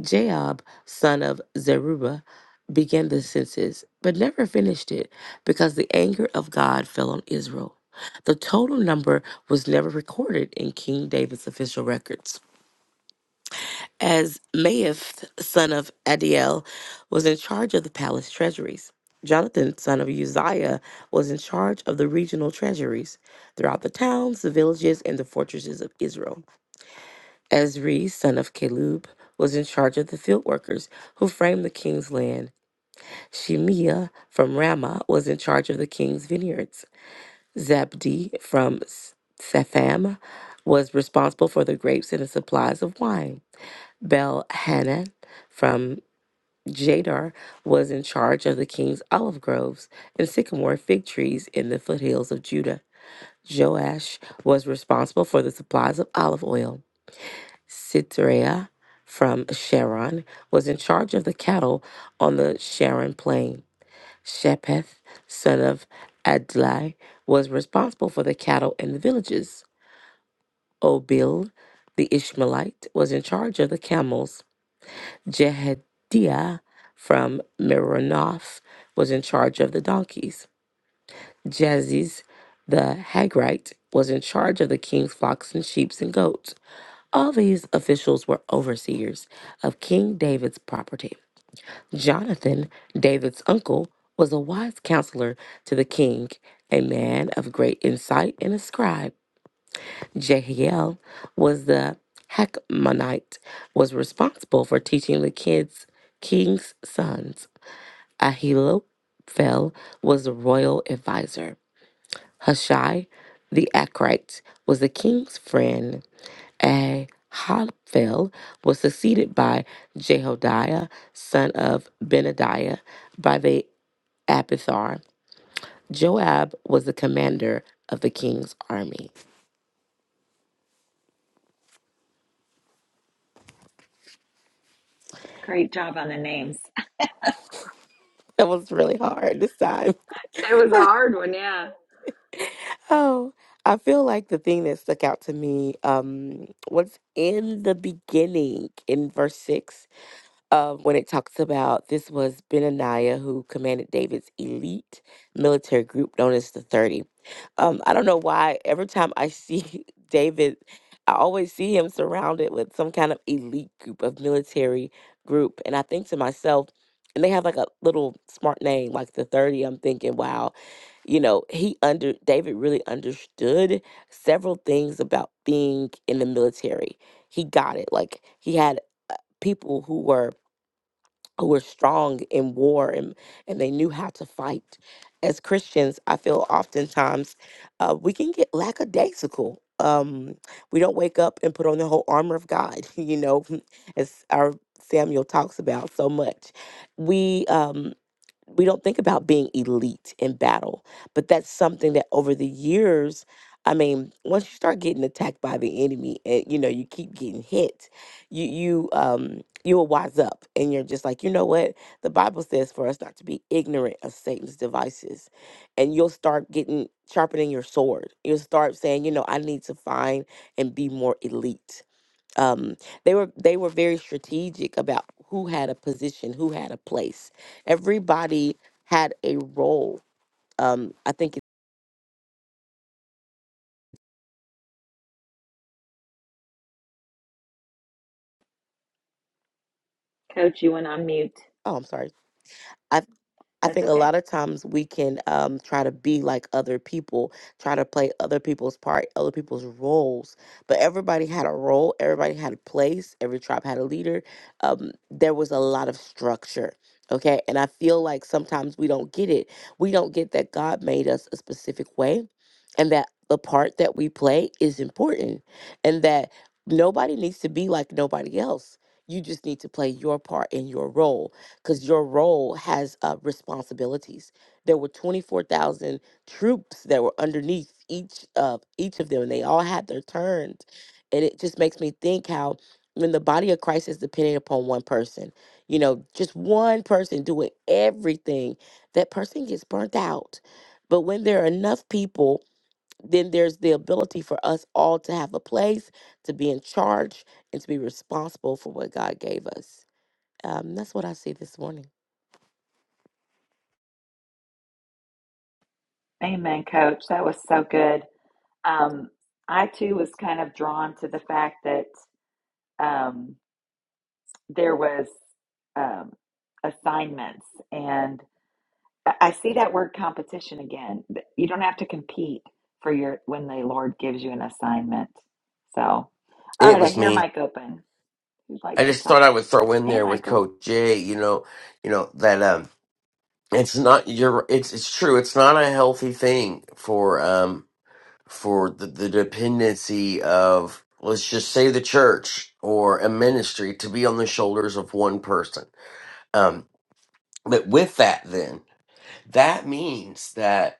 Jaob, son of Zerubbabel, began the census, but never finished it, because the anger of God fell on Israel. The total number was never recorded in King David's official records. as Maeth, son of Adiel, was in charge of the palace treasuries. Jonathan, son of Uzziah, was in charge of the regional treasuries throughout the towns, the villages, and the fortresses of Israel. Ezri, son of Caleb, was in charge of the field workers who framed the king's land. Shemiah from Ramah was in charge of the king's vineyards. Zabdi from S- Sapham was responsible for the grapes and the supplies of wine. Bel Hanan Jadar was in charge of the king's olive groves and sycamore fig trees in the foothills of Judah. Joash was responsible for the supplies of olive oil. Sitreah from Sharon was in charge of the cattle on the Sharon plain. Shepheth, son of Adlai, was responsible for the cattle in the villages. Obil, the Ishmaelite, was in charge of the camels. Jehediah from Meronoth was in charge of the donkeys. Jaziz the Hagrite was in charge of the king's flocks and sheep and goats. All these officials were overseers of King David's property. Jonathan, David's uncle, was a wise counselor to the king, a man of great insight and a scribe. Jehiel was the Hakmonite, was responsible for teaching the kids king's sons. Ahithophel was the royal advisor. Hushai the Archite was the king's friend. Ahithophel was succeeded by Jehodiah, son of Benadiah, by the Abithar. Joab was the commander of the king's army.
Great job on the names.
That was really hard this time.
That was a hard one, yeah.
Oh, I feel like the thing that stuck out to me um, was in the beginning in verse 6 uh, when it talks about this was Benaniah who commanded David's elite military group known as the 30. Um, I don't know why every time I see David, I always see him surrounded with some kind of elite group of military group. And I think to myself, and they have like a little smart name like the 30. I'm thinking, wow, you know, he under David really understood several things about being in the military. He got it. Like he had uh, people who were who were strong in war and, and they knew how to fight. As Christians, I feel oftentimes uh, we can get lackadaisical. Um, we don't wake up and put on the whole armor of God, you know, as our Samuel talks about so much. We um, we don't think about being elite in battle, but that's something that over the years, I mean, once you start getting attacked by the enemy and you know you keep getting hit, you you um you will wise up and you're just like, you know what? The Bible says for us not to be ignorant of Satan's devices. And you'll start getting sharpening your sword. You'll start saying, you know, I need to find and be more elite um, they were they were very strategic about who had a position, who had a place. Everybody had a role. Um, I think. It,
Coach, you went on mute.
oh, I'm sorry. I
That's
think a
okay.
lot of times we can um, try to be like other people, try to play other people's part, other people's roles. But everybody had a role, everybody had a place, every tribe had a leader. Um, there was a lot of structure. Okay. And I feel like sometimes we don't get it. We don't get that God made us a specific way and that the part that we play is important and that nobody needs to be like nobody else. You just need to play your part in your role because your role has uh, responsibilities. There were 24,000 troops that were underneath each of each of them, and they all had their turns. And it just makes me think how when the body of Christ is dependent upon one person, you know, just one person doing everything, that person gets burnt out. But when there are enough people, then there's the ability for us all to have a place, to be in charge, and to be responsible for what God gave us. Um, that's what I see this morning.
Amen, Coach. That was so good. Um, I too was kind of drawn to the fact that um, there was um, assignments, and I I see that word competition again. Th- You don't have to compete for your when the Lord gives you an assignment. So, all
It
right, I
was
hear
me.
Mike open. Who'd like
I
to
just thought
talk?
I would throw in
Hey,
there with
Michael.
Coach Jay, you know, you know that um it's not you're it's it's true. It's not a healthy thing for um for the, the dependency of let's just say the church or a ministry to be on the shoulders of one person. Um but with that then, that means that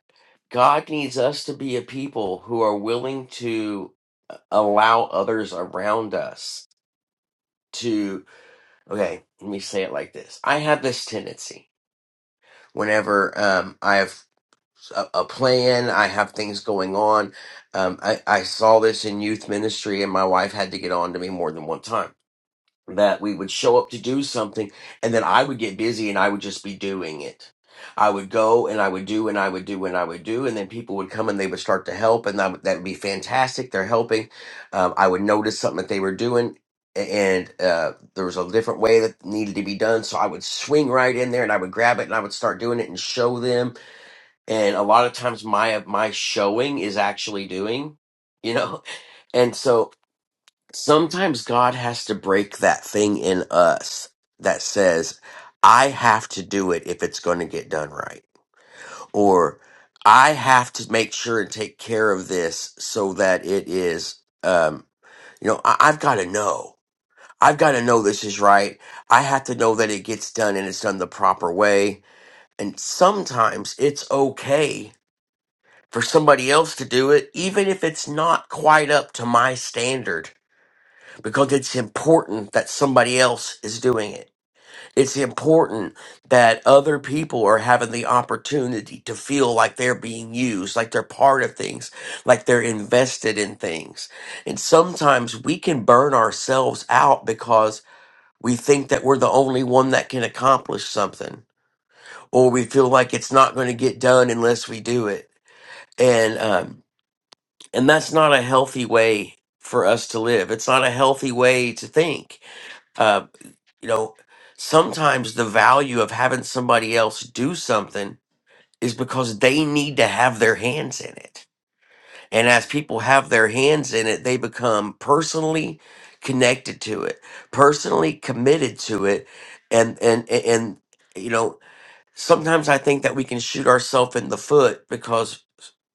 God needs us to be a people who are willing to uh, allow others around us Okay, let me say it like this. I have this tendency whenever um, I have a, a plan, I have things going on. Um, I, I saw this in youth ministry, and my wife had to get on to me more than one time that we would show up to do something and then I would get busy and I would just be doing it. I would go and I would do and I would do and I would do and then people would come and they would start to help and that would, that would be fantastic. They're helping. Um, I would notice something that they were doing a- and uh, there was a different way that needed to be done. So I would swing right in there and I would grab it and I would start doing it and show them. And a lot of times my, my showing is actually doing, you know? And so sometimes God has to break that thing in us that says, I have to do it if it's going to get done right. Or I have to make sure and take care of this so that it is, um, you know, I- I've got to know. I've got to know this is right. I have to know that it gets done and it's done the proper way. And sometimes it's okay for somebody else to do it, even if it's not quite up to my standard because it's important that somebody else is doing it. It's important that other people are having the opportunity to feel like they're being used, like they're part of things, like they're invested in things. And sometimes we can burn ourselves out because we think that we're the only one that can accomplish something, or we feel like it's not going to get done unless we do it. And um, and that's not a healthy way for us to live. It's not a healthy way to think Uh, You know, sometimes the value of having somebody else do something is because they need to have their hands in it. And as people have their hands in it, they become personally connected to it, personally committed to it, and and and you know, sometimes I think that we can shoot ourselves in the foot because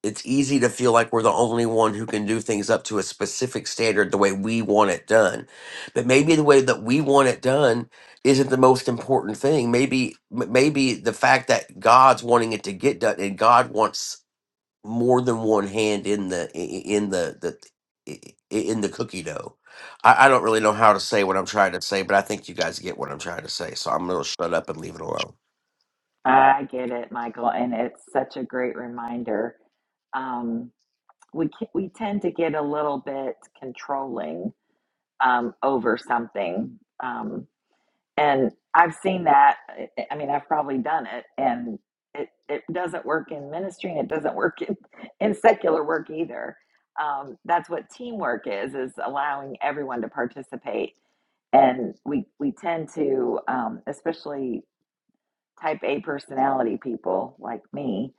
it's easy to feel like we're the only one who can do things up to a specific standard the way we want it done. But maybe the way that we want it done isn't the most important thing. Maybe m- maybe the fact that God's wanting it to get done and God wants more than one hand in the i- i- in the the i- i- in the cookie dough. I, I don't really know how to say what I'm trying to say, but I think you guys get what I'm trying to say. So I'm gonna shut up and leave it alone.
I get it, Michael, and it's such a great reminder. Um, we ca- we tend to get a little bit controlling um, over something, um, and I've seen that. I I mean, I've probably done it, and it it doesn't work in ministry, and it doesn't work in, in secular work either. Um, that's what teamwork is: is allowing everyone to participate, and we we tend to, um, especially type A personality people like me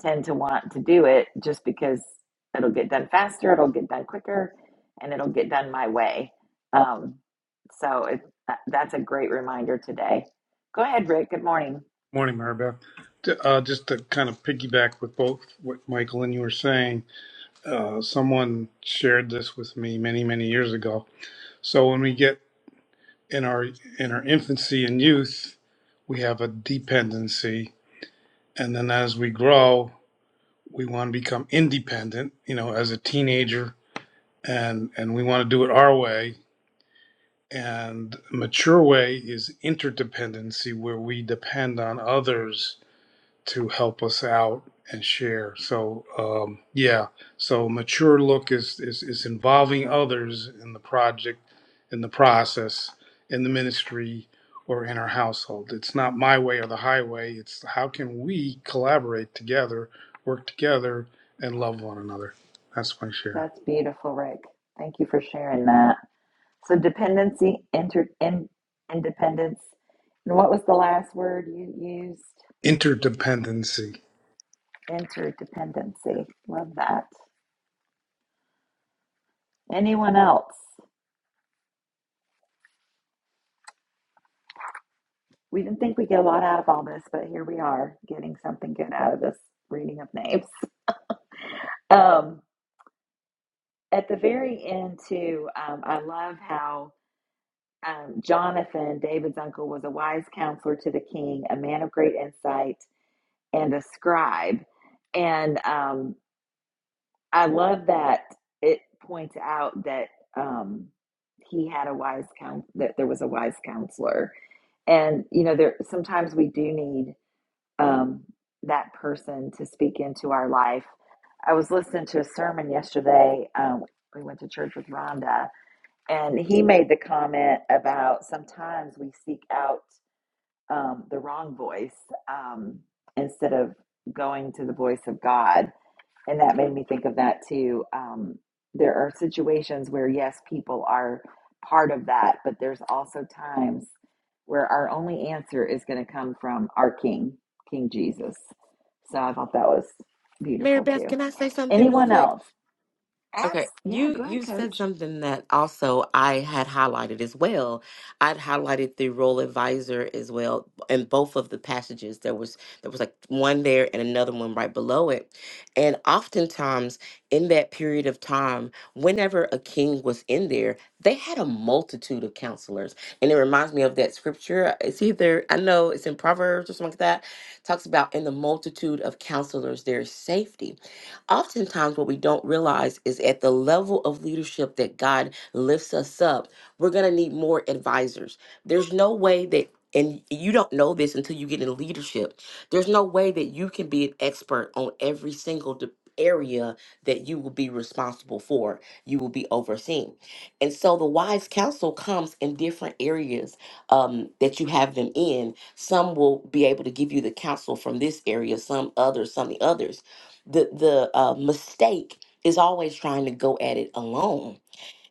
tend to want to do it just because it'll get done faster, it'll get done quicker, and it'll get done my way. Um, so it, that- that's a great reminder today. Go ahead, Rick. Good morning.
Morning, Maribel. T- Uh, just to kind of piggyback with both what Michael and you were saying, uh, someone shared this with me many, many years ago. So when we get in our in our infancy and youth, we have a dependency, and then as we grow, we want to become independent. You know, as a teenager, and and we want to do it our way. And mature way is interdependency, where we depend on others to help us out and share. So um, yeah, so mature look is, is is involving others in the project, in the process, in the ministry, or in our household. It's not my way or the highway. It's how can we collaborate together, work together, and love one another. That's my share.
That's beautiful, Rick. Thank you for sharing that. So dependency, inter, in, independence, and what was the last word you used?
Interdependency.
Interdependency. Love that. Anyone else? We didn't think we'd get a lot out of all this, but here we are getting something good out of this reading of names. Um, at the very end, too, um, I love how um, Jonathan, David's uncle, was a wise counselor to the king, a man of great insight, and a scribe. And um, I love that it points out that um, he had a wise coun that there was a wise counselor. And you know, there sometimes we do need um, that person to speak into our life. I was listening to a sermon yesterday. Um, we went to church with Rhonda, and he made the comment about sometimes we seek out um, the wrong voice um, instead of going to the voice of God and that made me think of that too. Um, there are situations where, yes, people are part of that, but there's also times where our only answer is going to come from our King, King Jesus. So I thought that was
Mary
beautiful
Beth,
too.
can I say something really
Anyone
quick?
else? Abs-
Okay,
yeah,
you
go ahead,
you said
Coach.
something that also I had highlighted as well. I'd highlighted the role advisor as well in both of the passages. There was there was like one there and another one right below it. And oftentimes in that period of time, whenever a king was in there, they had a multitude of counselors. And it reminds me of that scripture. It's either I know it's in Proverbs or something like that. Talks about in the multitude of counselors there's safety. Oftentimes, what we don't realize is at the level of leadership that God lifts us up, we're going to need more advisors. There's no way that and you don't know this until you get in leadership. There's no way that you can be an expert on every single de- area that you will be responsible for, you will be overseeing. And so the wise counsel comes in different areas um, that you have them in. Some will be able to give you the counsel from this area, some others, some the others the the uh, mistake is always trying to go at it alone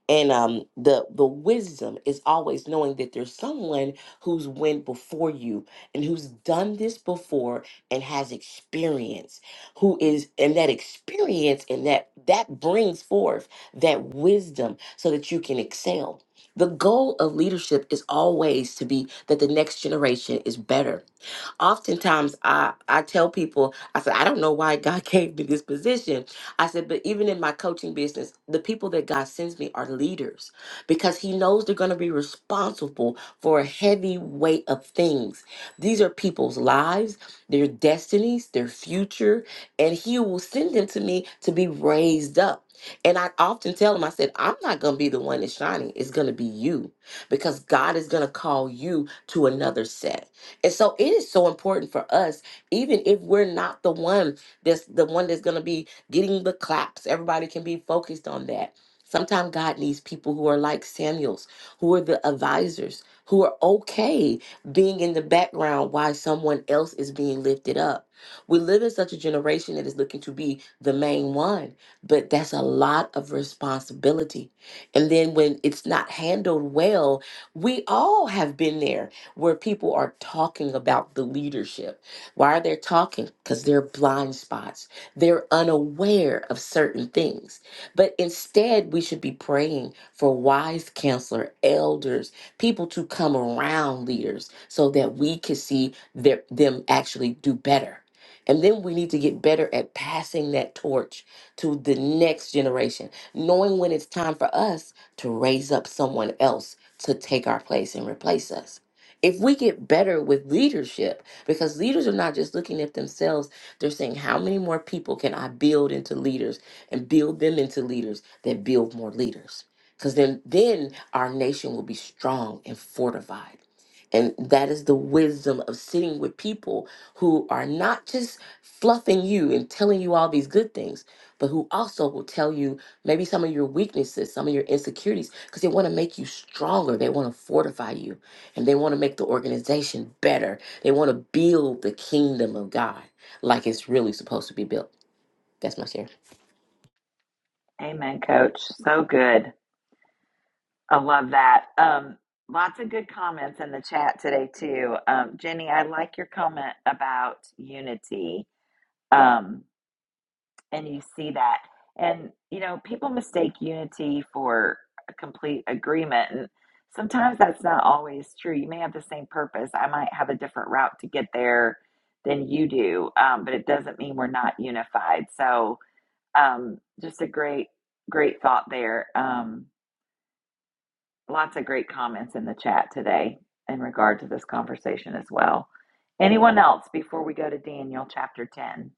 and um the the wisdom is always knowing that there's someone who's went before you and who's done this before and has experience who is and that experience and that that brings forth that wisdom so that you can excel the goal of leadership is always to be that the next generation is better Oftentimes, I I tell people, I said, I don't know why God gave me this position. I said, but even in my coaching business, the people that God sends me are leaders because He knows they're going to be responsible for a heavy weight of things. These are people's lives, their destinies, their future, and He will send them to me to be raised up. And I often tell them, I said, I'm not going to be the one that's shining. It's going to be you because God is going to call you to another set. And so it is so important for us, even if we're not the one that's the one that's gonna be getting the claps. Everybody can be focused on that. Sometimes God needs people who are like Samuels, who are the advisors, who are okay being in the background while someone else is being lifted up. We live in such a generation that is looking to be the main one, but that's a lot of responsibility. And then when it's not handled well, we all have been there where people are talking about the leadership. Why are they talking? Because they're blind spots. They're unaware of certain things. But instead, we should be praying for wise counselor, elders, people to come around leaders so that we can see their, them actually do better. And then we need to get better at passing that torch to the next generation, knowing when it's time for us to raise up someone else to take our place and replace us. If we get better with leadership, because leaders are not just looking at themselves, they're saying, how many more people can I build into leaders and build them into leaders that build more leaders? Because then, then our nation will be strong and fortified. And that is the wisdom of sitting with people who are not just fluffing you and telling you all these good things, but who also will tell you maybe some of your weaknesses, some of your insecurities, because they want to make you stronger. They want to fortify you and they want to make the organization better. They want to build the kingdom of God like it's really supposed to be built. That's my share.
Amen, Coach. So good. I love that. Um, lots of good comments in the chat today too. Um, Jenny, I like your comment about unity. Um, and you see that. And, you know, people mistake unity for a complete agreement. And sometimes that's not always true. You may have the same purpose. I might have a different route to get there than you do, um, but it doesn't mean we're not unified. So, um, just a great, great thought there. Um, lots of great comments in the chat today in regard to this conversation as well. Anyone else before we go to Daniel chapter 10?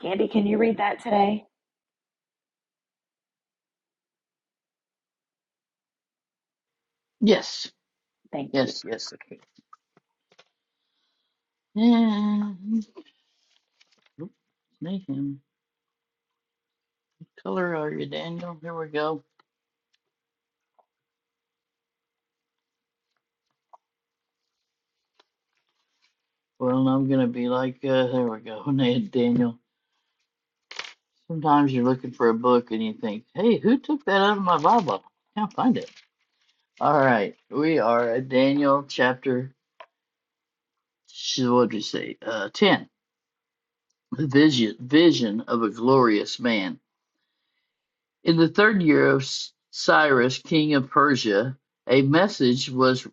Candy, can you read that today?
Yes,
Thank you.
yes, yes. Okay. Yeah. Oop, Snake him. What color are you, Daniel? Here we go. Well, I'm gonna be like, uh, there we go, Ned Daniel. Sometimes you're looking for a book and you think, hey, who took that out of my Bible? I Can't find it. All right, we are at Daniel chapter, what did you say, uh, 10. The vision, vision of a glorious man. In the third year of Cyrus, king of Persia, a message was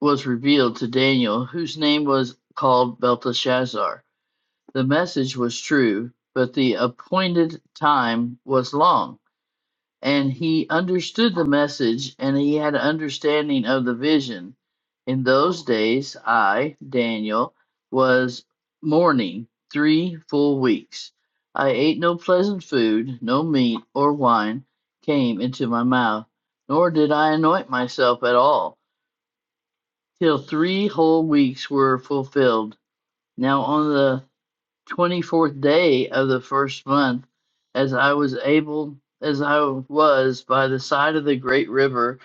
was revealed to Daniel, whose name was called Belteshazzar. The message was true, but the appointed time was long. and he understood the message and he had an understanding of the vision. In those days, I, Daniel, was mourning three full weeks. I ate no pleasant food, no meat or wine came into my mouth, nor did I anoint myself at all, till three whole weeks were fulfilled. Now, on the 24th day of the first month, as I was able, as I was by the side of the great river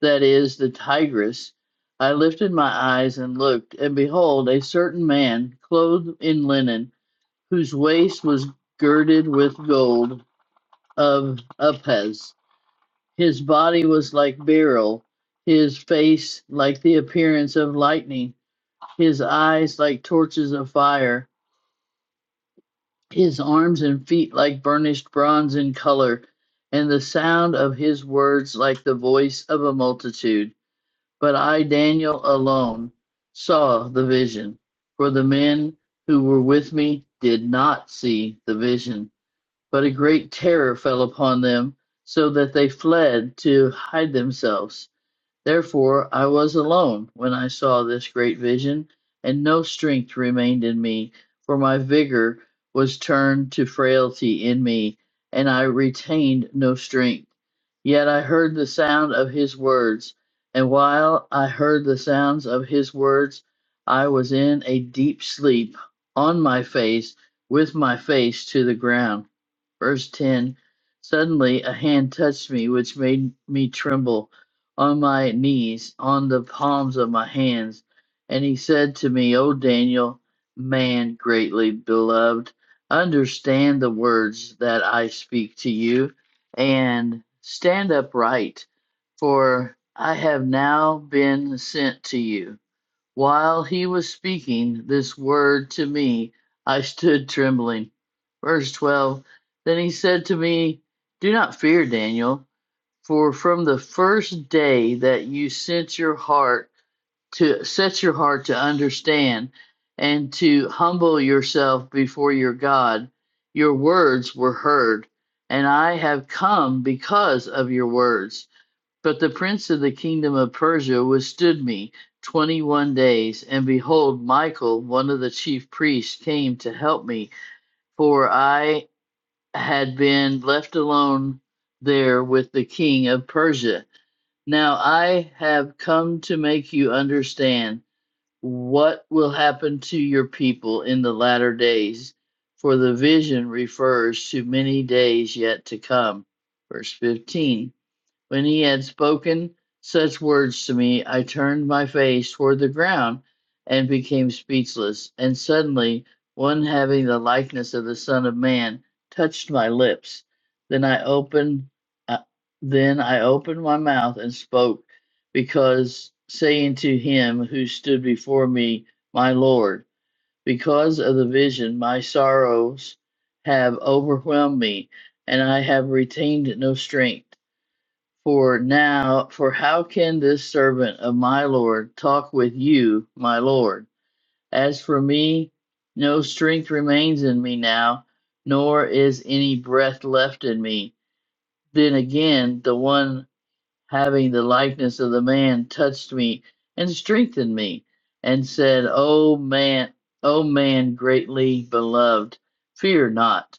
that is the Tigris, I lifted my eyes and looked, and behold, a certain man, clothed in linen, whose waist was girded with gold of Upaz. His body was like beryl, his face like the appearance of lightning, his eyes like torches of fire his arms and feet like burnished bronze in color, and the sound of his words like the voice of a multitude. But I, Daniel, alone saw the vision, for the men who were with me did not see the vision. But a great terror fell upon them, so that they fled to hide themselves. Therefore I was alone when I saw this great vision, and no strength remained in me, for my vigor was turned to frailty in me, and I retained no strength. Yet I heard the sound of his words, and while I heard the sounds of his words, I was in a deep sleep, on my face, with my face to the ground. Verse 10 Suddenly a hand touched me, which made me tremble on my knees, on the palms of my hands. And he said to me, O Daniel, man greatly beloved, understand the words that I speak to you, and stand upright, for I have now been sent to you. While he was speaking this word to me, I stood trembling. Verse 12 Then he said to me, Do not fear, Daniel, for from the first day that you sent your heart to set your heart to understand and to humble yourself before your God, your words were heard, and I have come because of your words. But the prince of the kingdom of Persia withstood me twenty one days, and behold, Michael, one of the chief priests, came to help me, for I had been left alone there with the king of Persia. Now I have come to make you understand what will happen to your people in the latter days, for the vision refers to many days yet to come. Verse 15. When he had spoken such words to me, I turned my face toward the ground and became speechless. And suddenly one having the likeness of the Son of Man touched my lips. Then I opened, uh, then I opened my mouth and spoke, because saying to him who stood before me, My Lord, because of the vision, my sorrows have overwhelmed me, and I have retained no strength. For now, for how can this servant of my Lord talk with you, my Lord? As for me, no strength remains in me now, nor is any breath left in me. Then again, the one having the likeness of the man touched me and strengthened me and said, O man, O man greatly beloved, fear not.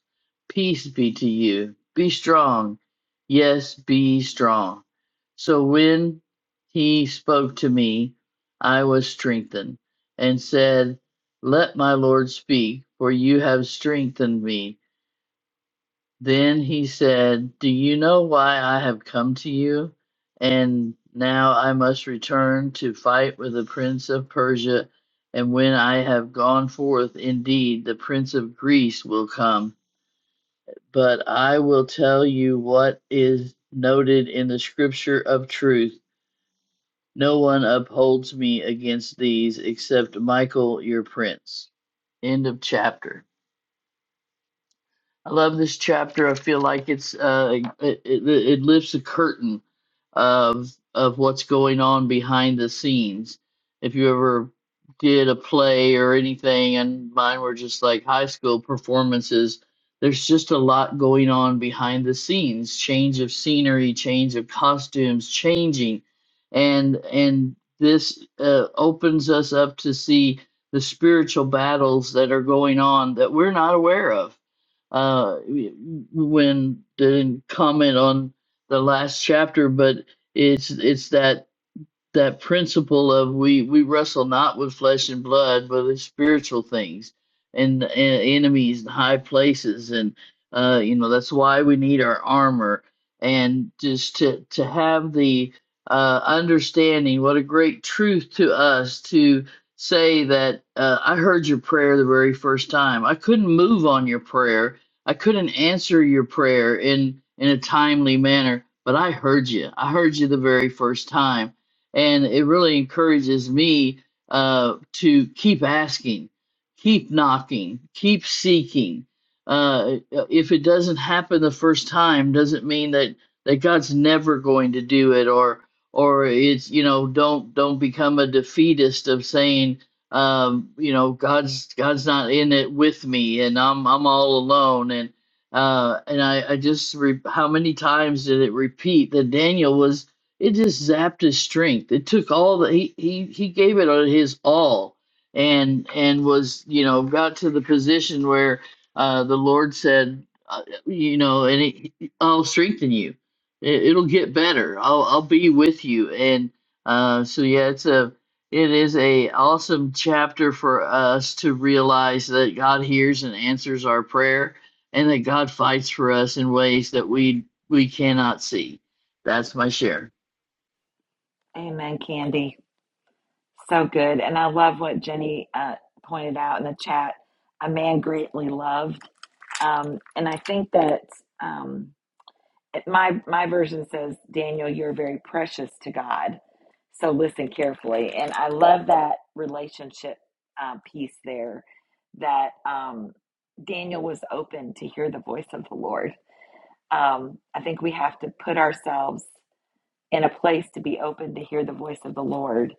Peace be to you. Be strong. Yes, be strong. So when he spoke to me, I was strengthened and said, Let my Lord speak, for you have strengthened me. Then he said, Do you know why I have come to you? And now I must return to fight with the prince of Persia. And when I have gone forth, indeed, the prince of Greece will come. But I will tell you what is noted in the scripture of truth. No one upholds me against these except Michael, your prince. End of chapter. I love this chapter. I feel like it's uh, it, it, it lifts a curtain of of what's going on behind the scenes. If you ever did a play or anything, and mine were just like high school performances, there's just a lot going on behind the scenes. Change of scenery, change of costumes, changing, and and this uh, opens us up to see the spiritual battles that are going on that we're not aware of uh, when they didn't comment on the last chapter, but it's it's that that principle of we we wrestle not with flesh and blood but with spiritual things and, and enemies and high places and uh you know that's why we need our armor and just to to have the uh understanding what a great truth to us to say that uh, I heard your prayer the very first time I couldn't move on your prayer I couldn't answer your prayer in in a timely manner but I heard you I heard you the very first time and it really encourages me uh, to keep asking, keep knocking, keep seeking. Uh, uh, if it doesn't happen the first time, doesn't mean that that God's never going to do it, or or it's you know don't don't become a defeatist of saying um, you know God's God's not in it with me and I'm I'm all alone and uh, and I I just re- how many times did it repeat that Daniel was it just zapped his strength. It took all the he he he gave it his all, and and was you know got to the position where uh, the Lord said, uh, you know, and it, I'll strengthen you. It, it'll get better. I'll I'll be with you. And uh, so yeah, it's a it is a awesome chapter for us to realize that God hears and answers our prayer, and that God fights for us in ways that we we cannot see. That's my share.
Amen, Candy. So good. And I love what Jenny uh, pointed out in the chat a man greatly loved. Um, and I think that um, it- my, my version says, Daniel, you're very precious to God. So listen carefully. And I love that relationship uh, piece there that um, Daniel was open to hear the voice of the Lord. Um, I think we have to put ourselves in a place to be open to hear the voice of the Lord.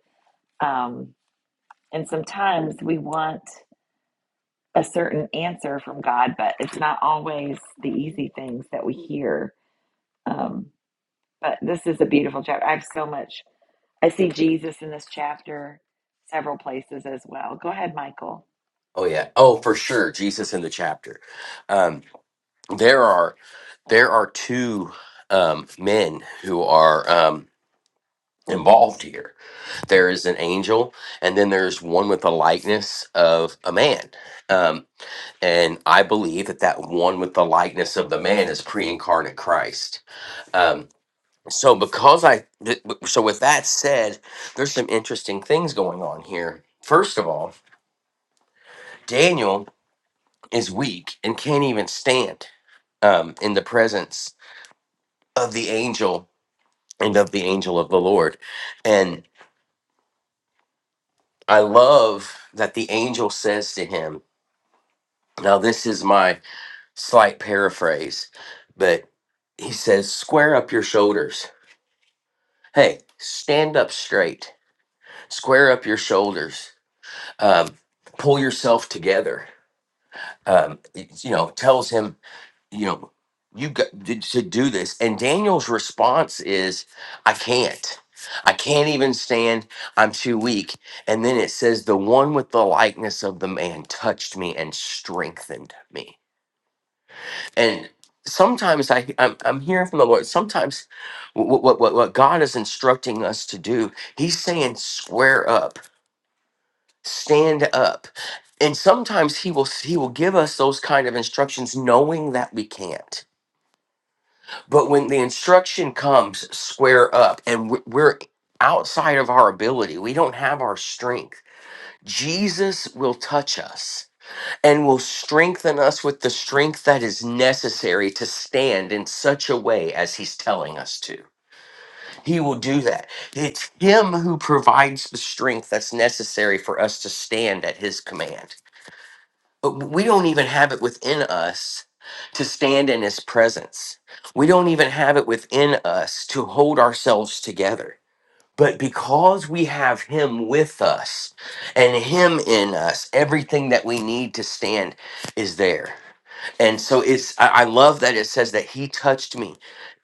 Um, And sometimes we want a certain answer from God, but it's not always the easy things that we hear. Um, but this is a beautiful chapter. I have so much. I see Jesus in this chapter several places as well. Go ahead, Michael.
Oh yeah. Oh, for sure. Jesus in the chapter. Um, there are there are two um, men who are um, involved here. there is an angel, and then there's one with the likeness of a man. Um, and I believe that that one with the likeness of the man is pre incarnate Christ. Um, so, because I, th- so with that said, there's some interesting things going on here. First of all, Daniel is weak and can't even stand um, in the presence of the angel and of the angel of the Lord. And I love that the angel says to him, Now, this is my slight paraphrase, but he says, square up your shoulders. Hey, stand up straight, square up your shoulders, um, pull yourself together. Um, it's, you know, tells him, you know, you got to to do this. And Daniel's response is, I can't. I can't even stand. I'm too weak. And then it says, the one with the likeness of the man touched me and strengthened me and sometimes I I'm, I'm hearing from the Lord. Sometimes what what what what God is instructing us to do, He's saying square up, stand up, and sometimes He will He will give us those kind of instructions, knowing that we can't. But when the instruction comes, square up, and we- we're outside of our ability, we don't have our strength. Jesus will touch us and will strengthen us with the strength that is necessary to stand in such a way as he's telling us to. He will do that. It's him who provides the strength that's necessary for us to stand at his command. But we don't even have it within us to stand in his presence. We don't even have it within us to hold ourselves together. But because we have him with us and him in us, everything that we need to stand is there and so it's I, I love that it says that he touched me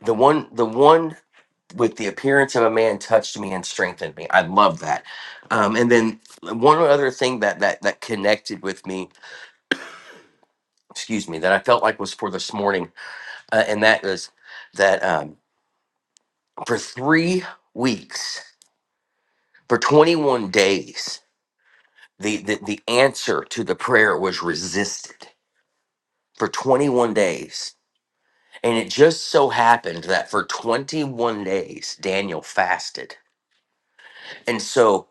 the one the one with the appearance of a man touched me and strengthened me i love that um, and then one other thing that that that connected with me excuse me that i felt like was for this morning uh, and that is that um, for three weeks for 21 days the, the the answer to the prayer was resisted for 21 days And it just so happened that for 21 days, Daniel fasted. And so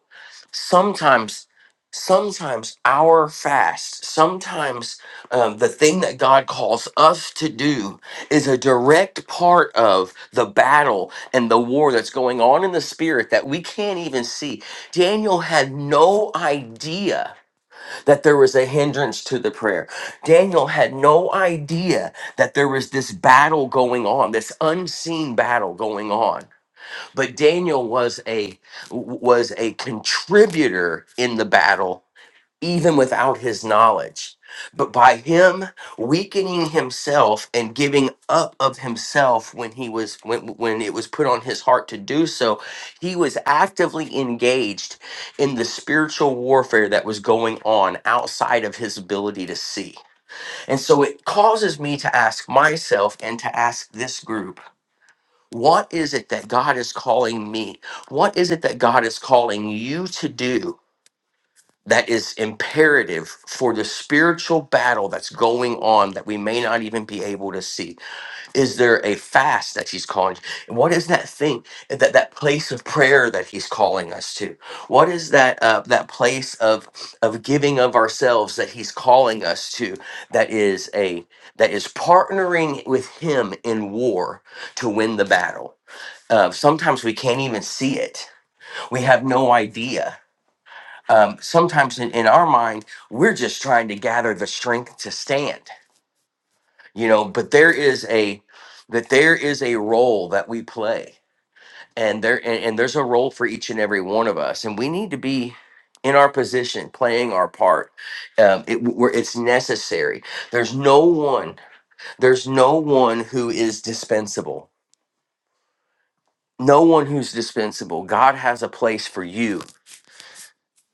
sometimes, sometimes our fast, sometimes um, the thing that God calls us to do is a direct part of the battle and the war that's going on in the spirit that we can't even see. Daniel had no idea that there was a hindrance to the prayer. Daniel had no idea that there was this battle going on, this unseen battle going on. But Daniel was a was a contributor in the battle even without his knowledge. But by him weakening himself and giving up of himself when he was when when it was put on his heart to do so, he was actively engaged in the spiritual warfare that was going on outside of his ability to see. And so it causes me to ask myself and to ask this group, what is it that God is calling me? What is it that God is calling you to do? that is imperative for the spiritual battle that's going on that we may not even be able to see is there a fast that he's calling what is that thing that that place of prayer that he's calling us to what is that uh, that place of of giving of ourselves that he's calling us to that is a that is partnering with him in war to win the battle uh, sometimes we can't even see it we have no idea um, sometimes in, in our mind, we're just trying to gather the strength to stand, you know, but there is a that there is a role that we play and there and, and there's a role for each and every one of us and we need to be in our position playing our part um, it, where it's necessary there's no one there's no one who is dispensable no one who's dispensable god has a place for you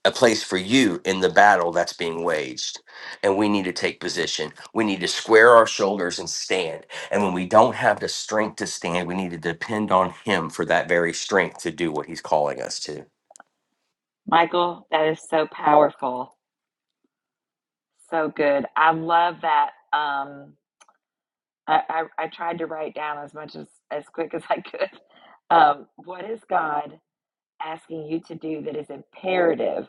a place for you in the battle that's being waged. And we need to take position. We need to square our shoulders and stand. And when we don't have the strength to stand, we need to depend on Him for that very strength to do what He's calling us to.
Michael, that is so powerful. So good. I love that. Um, I, I, I tried to write down as much as, as quick as I could. Um, what is God? asking you to do that is imperative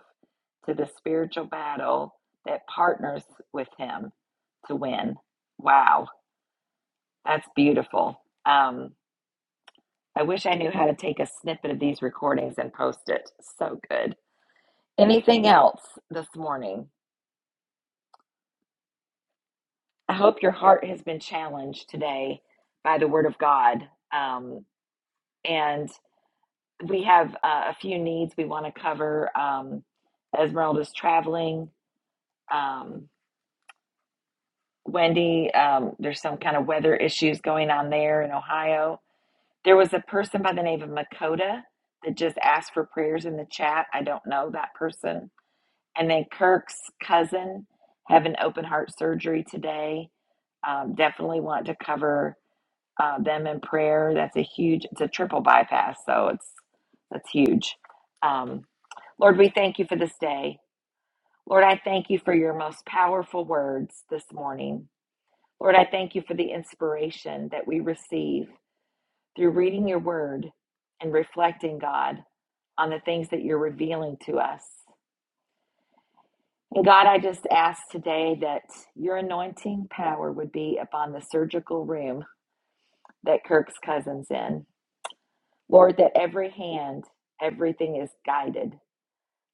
to the spiritual battle that partners with him to win. Wow, that's beautiful. Um, I wish I knew how to take a snippet of these recordings and post it. So good. Anything else this morning? I hope your heart has been challenged today by the Word of God. Um, and we have uh, a few needs we want to cover. Um, Esmeralda's traveling. Um, Wendy, um, there's some kind of weather issues going on there in Ohio. There was a person by the name of Makota that just asked for prayers in the chat. I don't know that person. And then Kirk's cousin having open heart surgery today. Um, definitely want to cover uh, them in prayer. That's a huge. It's a triple bypass, so it's that's huge. Um, Lord, we thank you for this day. Lord, I thank you for your most powerful words this morning. Lord, I thank you for the inspiration that we receive through reading your word and reflecting, God, on the things that you're revealing to us. And God, I just ask today that your anointing power would be upon the surgical room that Kirk's cousin's in. Lord, that every hand, everything is guided.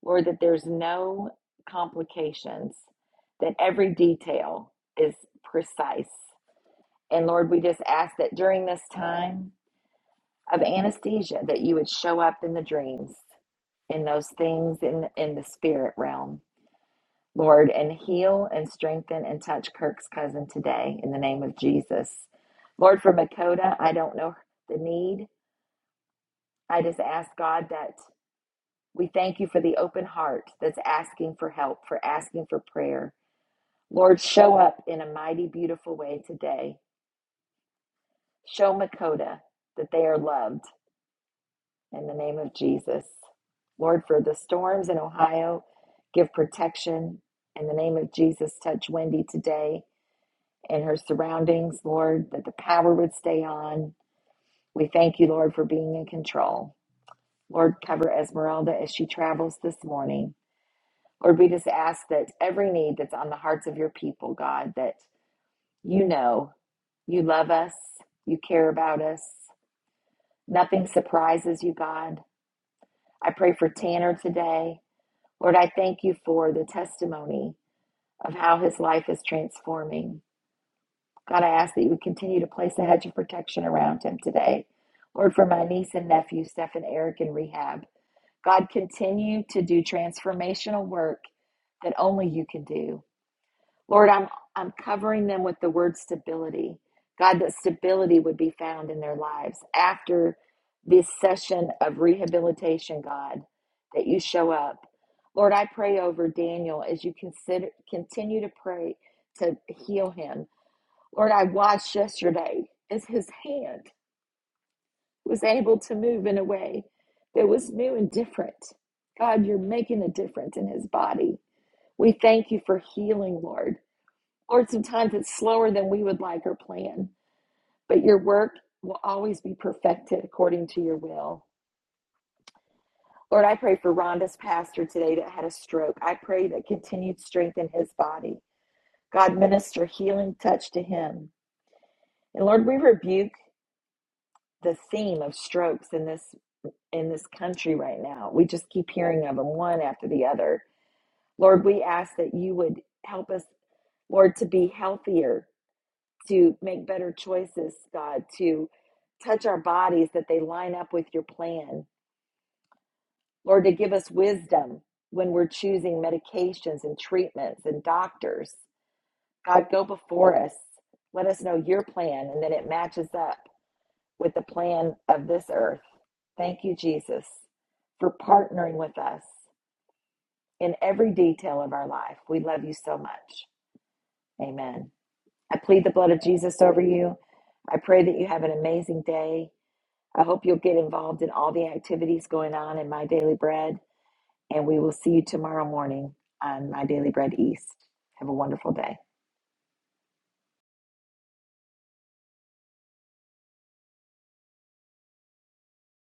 Lord, that there's no complications, that every detail is precise. And Lord, we just ask that during this time, of anesthesia that you would show up in the dreams in those things in in the spirit realm lord and heal and strengthen and touch kirk's cousin today in the name of jesus lord for makota i don't know the need i just ask god that we thank you for the open heart that's asking for help for asking for prayer lord show up in a mighty beautiful way today show makota that they are loved in the name of Jesus. Lord, for the storms in Ohio, give protection. In the name of Jesus, touch Wendy today and her surroundings, Lord, that the power would stay on. We thank you, Lord, for being in control. Lord, cover Esmeralda as she travels this morning. Lord, we just ask that every need that's on the hearts of your people, God, that you know you love us, you care about us. Nothing surprises you, God. I pray for Tanner today. Lord, I thank you for the testimony of how his life is transforming. God, I ask that you would continue to place a hedge of protection around him today. Lord, for my niece and nephew, Steph and Eric in rehab, God, continue to do transformational work that only you can do. Lord, I'm I'm covering them with the word stability. God, that stability would be found in their lives after this session of rehabilitation, God, that you show up. Lord, I pray over Daniel as you consider continue to pray to heal him. Lord, I watched yesterday as his hand was able to move in a way that was new and different. God, you're making a difference in his body. We thank you for healing, Lord. Lord, sometimes it's slower than we would like or plan, but your work will always be perfected according to your will. Lord, I pray for Rhonda's pastor today that had a stroke. I pray that continued strength in his body. God, minister healing touch to him. And Lord, we rebuke the theme of strokes in this in this country right now. We just keep hearing of them one after the other. Lord, we ask that you would help us, Lord, to be healthier to make better choices, God, to touch our bodies that they line up with your plan. Lord, to give us wisdom when we're choosing medications and treatments and doctors. God, go before us. Let us know your plan and then it matches up with the plan of this earth. Thank you, Jesus, for partnering with us in every detail of our life. We love you so much. Amen. I plead the blood of Jesus over you. I pray that you have an amazing day. I hope you'll get involved in all the activities going on in My Daily Bread. And we will see you tomorrow morning on My Daily Bread East. Have a wonderful day.